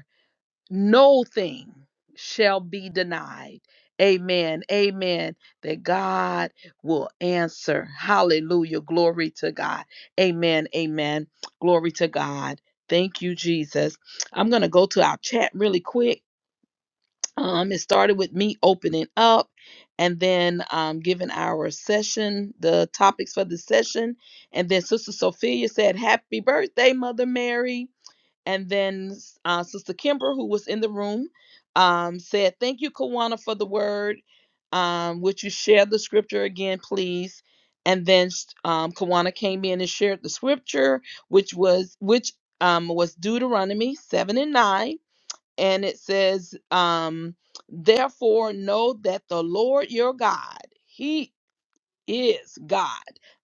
no thing shall be denied. Amen. Amen. That God will answer. Hallelujah. Glory to God. Amen. Amen. Glory to God. Thank you, Jesus. I'm going to go to our chat really quick. Um, it started with me opening up and then um, giving our session, the topics for the session. And then Sister Sophia said, Happy birthday, Mother Mary. And then uh, Sister Kimber, who was in the room, um, said, Thank you, Kawana, for the word. Um, would you share the scripture again, please? And then um, Kawana came in and shared the scripture, which was which um, was Deuteronomy seven and nine, and it says, um, "Therefore know that the Lord your God, He is God,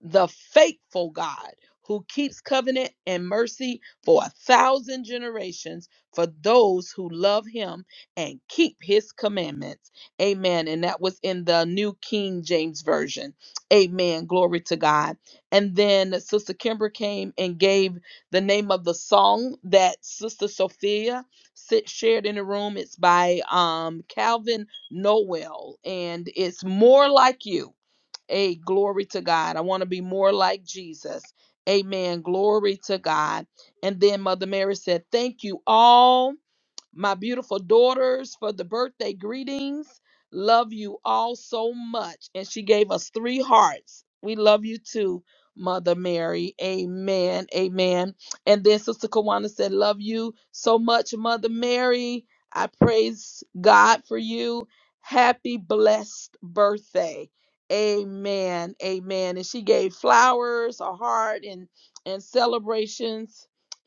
the faithful God who keeps covenant and mercy for a thousand generations for those who love him and keep his commandments. Amen. And that was in the New King James Version. Amen. Glory to God. And then Sister Kimber came and gave the name of the song that Sister Sophia sit, shared in the room. It's by um, Calvin Noel, and it's More Like You Hey, glory to God. I want to be more like Jesus. Amen. Glory to God. And then Mother Mary said, Thank you all my beautiful daughters for the birthday greetings. Love you all so much. And she gave us three hearts. We love you too, Mother Mary. Amen. Amen. And then Sister Kawana said, Love you so much, Mother Mary. I praise God for you. Happy blessed birthday. Amen. Amen. And she gave flowers, a heart, and and celebrations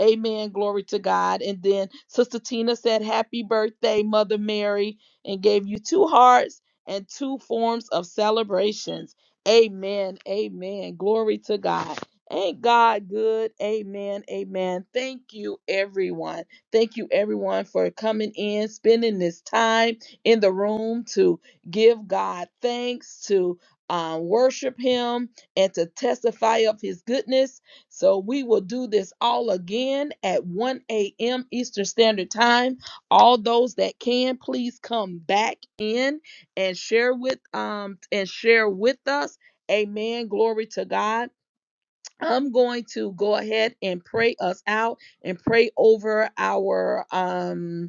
Amen. Glory to God. And then Sister Tina said, Happy birthday, Mother Mary, and gave you two hearts and two forms of celebrations. Amen. Amen. Glory to God. Ain't God good? Amen. Amen. Thank you, everyone. Thank you, everyone, for coming in, spending this time in the room to give God thanks, to um, worship Him, and to testify of His goodness so we will do this all again at 1 a.m. Eastern Standard Time. All those that can, please come back in and share with um and share with us. Amen. Glory to God. I'm going to go ahead and pray us out and pray over our um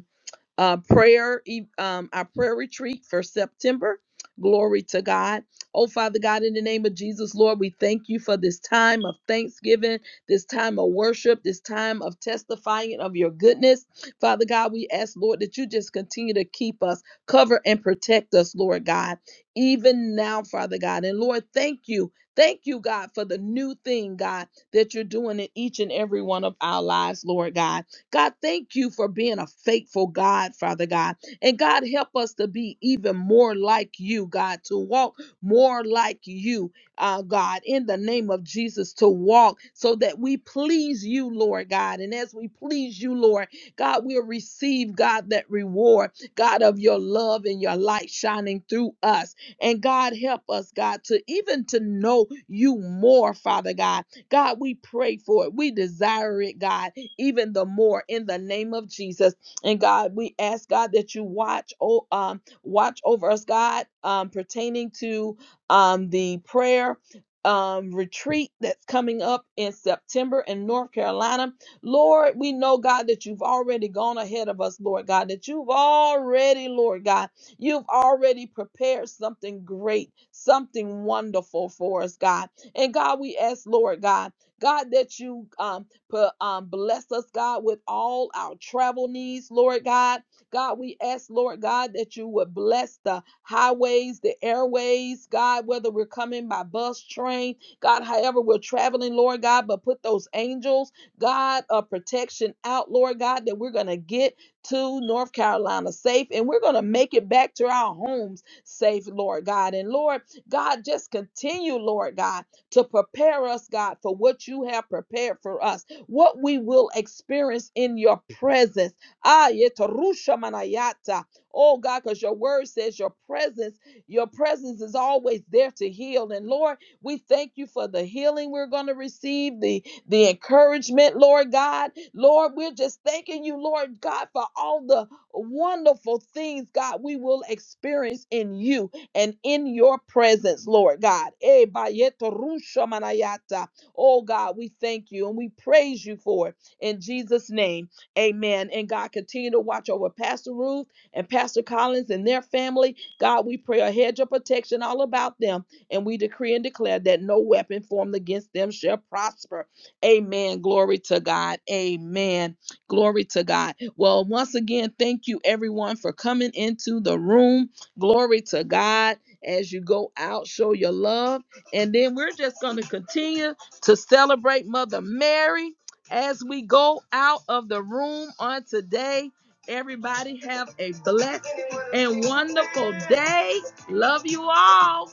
uh, prayer, e- um, our prayer retreat for September. Glory to God. Oh, Father God, in the name of Jesus, Lord, we thank you for this time of thanksgiving, this time of worship, this time of testifying of your goodness. Father God, we ask, Lord, that you just continue to keep us, cover and protect us, Lord God, even now, Father God. And Lord, thank you. Thank you, God, for the new thing, God, that you're doing in each and every one of our lives, Lord God. God, thank you for being a faithful God, Father God. And God, help us to be even more like you, God, to walk more like you, uh, God, in the name of Jesus, to walk so that we please you, Lord God. And as we please you, Lord, God, we'll receive, God, that reward, God, of your love and your light shining through us. And God, help us, God, to even to know you more, Father God God, we pray for it. We desire it, God, even the more in the name of Jesus. And God, we ask God that you watch oh um watch over us, God, um pertaining to um the prayer um retreat that's coming up in September in North Carolina. Lord, we know God that you've already gone ahead of us, Lord God, that you've already, Lord God, you've already prepared something great, something wonderful for us, God. And God, we ask, Lord God, God, that you um, put, um, bless us, God, with all our travel needs, Lord God. God, we ask, Lord God, that you would bless the highways, the airways, God, whether we're coming by bus, train, God, however we're traveling, Lord God, but put those angels, God, of protection out, Lord God, that we're going to get to North Carolina safe and we're going to make it back to our homes safe, Lord God. And Lord, God, just continue, Lord God to prepare us, God, for what you have prepared for us, what we will experience in your presence. Ah, yetarusha manayata. Oh God, because your word says your presence, your presence is always there to heal. And Lord, we thank you for the healing we're going to receive, the, the encouragement, Lord God. Lord, we're just thanking you, Lord God, for all the wonderful things, God, we will experience in you and in your presence, Lord God. Eh, bayeto rusha manayata. Oh God, we thank you and we praise you for it. In Jesus' name, amen. And God, continue to watch over Pastor Ruth and Pastor Collins and their family. God, we pray a hedge of protection all about them. And we decree and declare that no weapon formed against them shall prosper. Amen. Glory to God. Amen. Glory to God. Well, once again, thank you everyone for coming into the room. Glory to God as you go out, show your love. And then we're just going to continue to celebrate Mother Mary as we go out of the room on today. Everybody have a blessed and wonderful day. Love you all.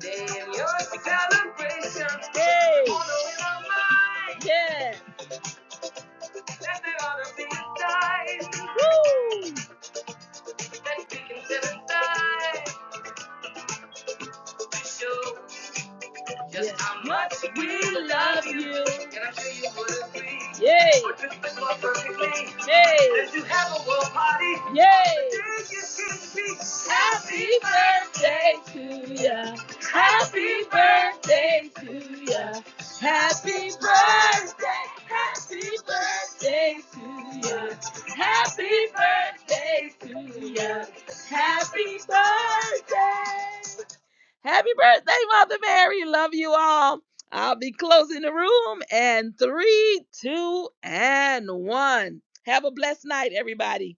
Day in your celebration. Hey. Yeah. Let it all be a time. Woo. That we can celebrate. Just yeah. how much we love you. Can I tell you what it Yay! We're just more perfectly. Yay! As you have a world party, Yay! Happy birthday to ya. Happy birthday to ya. Happy birthday. Happy birthday to ya. Happy birthday to ya. Happy birthday. Happy birthday, Mother Mary. Love you all. I'll be closing the room in three, two, and one. Have a blessed night, everybody.